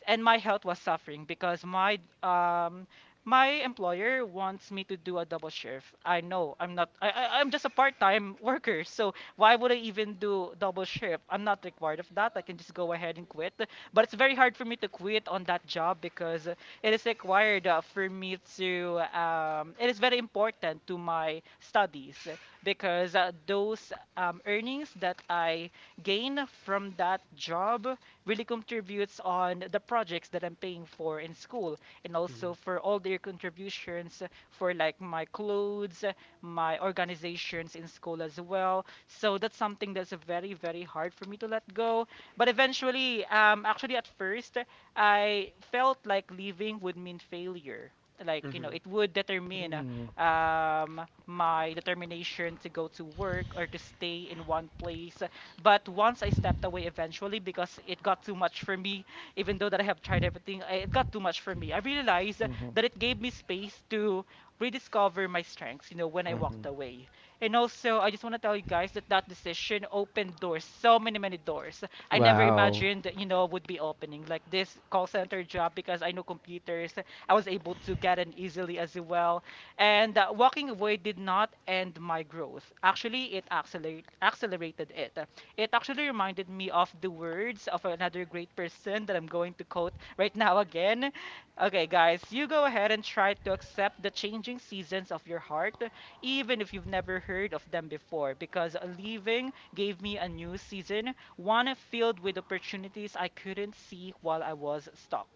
and my health was suffering because my um my employer wants me to do a double shift. I know I'm not I, I I'm just a part-time worker, so why would I even do double shift? I'm not required of that. I can just go ahead and quit. But it's very hard for me to quit on that job because it is required uh, for me to um, it is very important to my studies because uh, those um, earnings that I gain from that job really contributes on the projects that I'm paying for in school, and also for all their contributions uh, for like my clothes, uh, my organizations in school as well. So that's something that's very, very hard for me to let go. But eventually, um, actually at first, I felt like leaving would mean failure. Like, you know,
mhm,
it would determine uh, um, my determination to go to work or to stay in one place. But once I stepped away eventually because it got too much for me, even though that I have tried everything, I- it got too much for me. I realized that it gave me space to rediscover my strengths, you know, when I walked
Mhm.
away. And also, I just want to tell you guys that that decision opened doors, so many, many doors. I
mhm,
never
mhm,
Wow.
imagined, you know, would be opening like this call center job because I know computers. I was able to get in easily as well. And uh, walking away did not end my growth. Actually, it accelerate, accelerated it. It actually reminded me of the words of another great person that I'm going to quote right now again. Okay, guys, you go ahead and try to accept the changing seasons of your heart even if you've never heard of them before, because leaving gave me a new season, one filled with opportunities I couldn't see while I was stuck.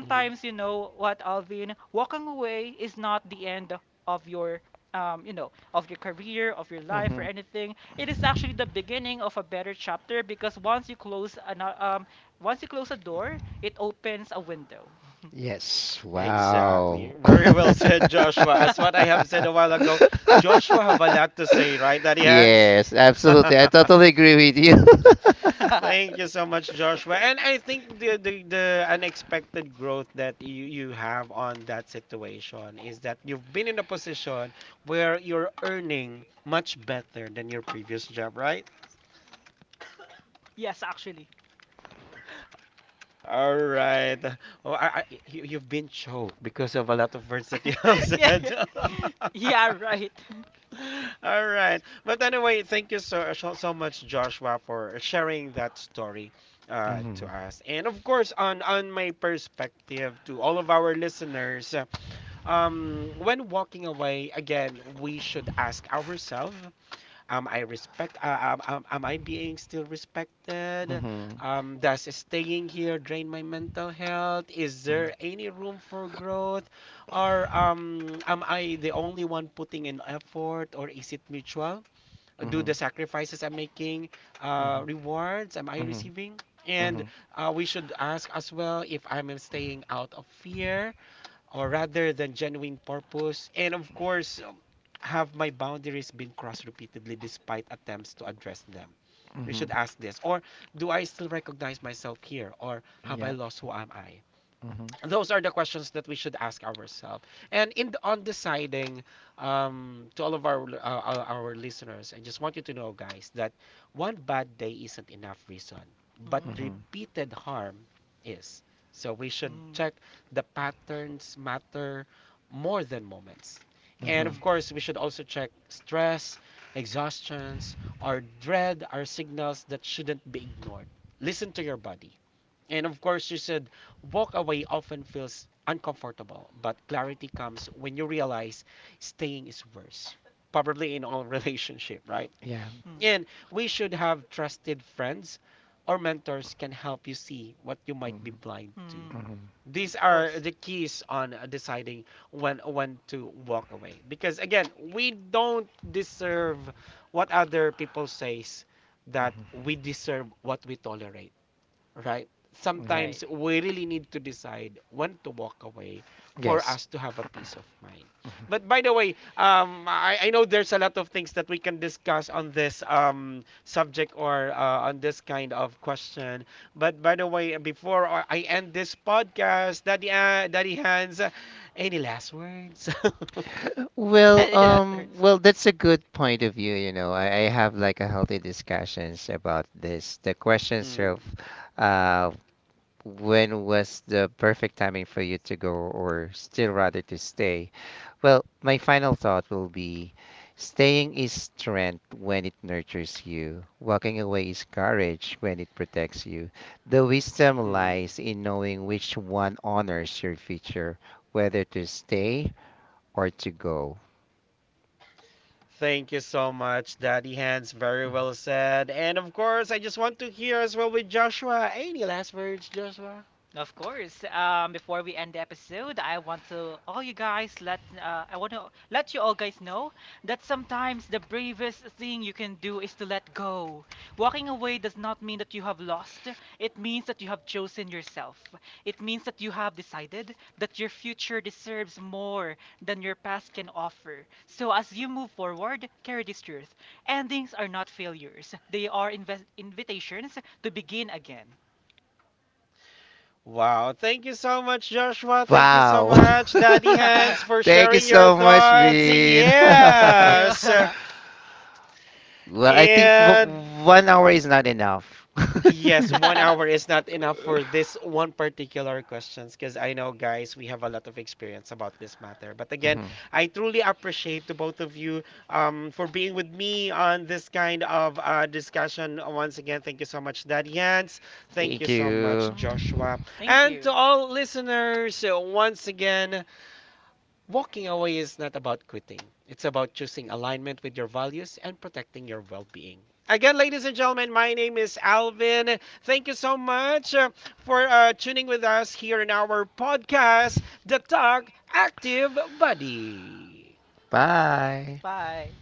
mhm.
you know what, Alvin, walking away is not the end of your. Um, you know, of your career, of your life, or
Mhm.
anything, it is actually the beginning of a better chapter because once you close an, um, once you close a door, it opens a window.
Yes,
Exactly.
wow.
Very well said, Joshua. As what I have said a while ago, Joshua have a lot to say, right, Daddy Hans?
Yes, absolutely. I totally agree with you.
Thank you so much, Joshua. And I think the, the the unexpected growth that you you have on that situation is that you've been in a position where you're earning much better than your previous job, right?
Yes, actually.
All right. Oh, I, I, you, you've been choked because of a lot of words that you have
Yeah,
said.
yeah, right.
All right. But anyway, thank you so so so much, Joshua, for sharing that story uh, to
Mhm.
us. And of course, on on my perspective to all of our listeners, uh, um, when walking away, again, we should ask ourselves, am I respect? Uh, am um, am I being still respected?
Mhm.
Um, does staying here drain my mental health? Is there any room for growth? Or um, am I the only one putting in effort? Or is it mutual? Do the
Mhm.
sacrifices I'm making uh, rewards? Am I
Mhm.
receiving? And
Mhm.
uh, we should ask as well if I'm staying out of fear or rather than genuine purpose? And of course, um, have my boundaries been crossed repeatedly despite attempts to address them? We should ask this. Or do I still recognize myself here? Or have I
Yeah.
lost who am I?
Mhm.
Those are the questions that we should ask ourselves. And in the, on deciding, um, to all of our, uh, our our listeners, I just want you to know, guys, that one bad day isn't enough reason, but
Mm,
Mhm.
repeated harm is. So we should
mm,
check, the patterns matter more than moments. And
mm,
of
Mhm.
course, we should also check, stress, exhaustions, or dread are signals that shouldn't be ignored. Listen to your body and of course, you said walk away often feels uncomfortable, but clarity comes when you realize staying is worse, probably in all relationship, right?
Yeah.
mm,
And we should have trusted friends or mentors can help you see what you might be blind to.
mm.
These
Of
are
course,
the keys on deciding when when to walk away. Because again, we don't deserve what other people says, that we deserve what we tolerate, right?
right.
Sometimes we really need to decide when to walk away for
Yes.
us to have a peace of mind. But by the way, um, I, I know there's a lot of things that we can discuss on this um, subject or uh, on this kind of question. But by the way, before I I end this podcast, Daddy, uh, Daddy Hans, any last words?
Well,
That's
um,
hurts.
well, that's a good point of view, you know. I, I have like a healthy discussions about this. The questions
Mm,
of uh, when was the perfect timing for you to go or still rather to stay? Well, my final thought will be, staying is strength when it nurtures you. Walking away is courage when it protects you. The wisdom
mhm.
lies in knowing which one honors your future, whether to stay or to go?
Thank you so much, Daddy Hans. Very well said. And of course, I just want to hear as well with Joshua. Any last words, Joshua?
Of course. Um, before we end the episode, I want to all you guys let uh, I want to let you all guys know that sometimes the bravest thing you can do is to let go. Walking away does not mean that you have lost. It means that you have chosen yourself. It means that you have decided that your future deserves more than your past can offer. So as you move forward, carry this truth. Endings are not failures. They are inve invitations to begin again.
Wow. Thank you so much, Joshua. Thank you so
Wow.
much, Daddy Hans, for
Thank you
sharing your
so much,
thoughts.
Bean.
Thank
Well,
you.
Yes.
I think
And
w- one hour is not enough.
yes, one hour is not enough for this one particular questions because I know, guys, we have a lot of experience about this matter. But again,
Mhm.
I truly appreciate to both of you um, for being with me on this kind of uh, discussion. Once again, thank you so much, Daddy Hans. Thank you
Thank
so much,
you.
Mm.
Joshua.
Thank
And to
you.
all listeners, uh, once again, walking away is not about quitting, it's about choosing alignment with your values and protecting your well being. Again, ladies and gentlemen, my name is Alvin. Thank you so much uh, for uh, tuning with us here in our podcast, The Talk Active Buddy.
Bye.
Bye.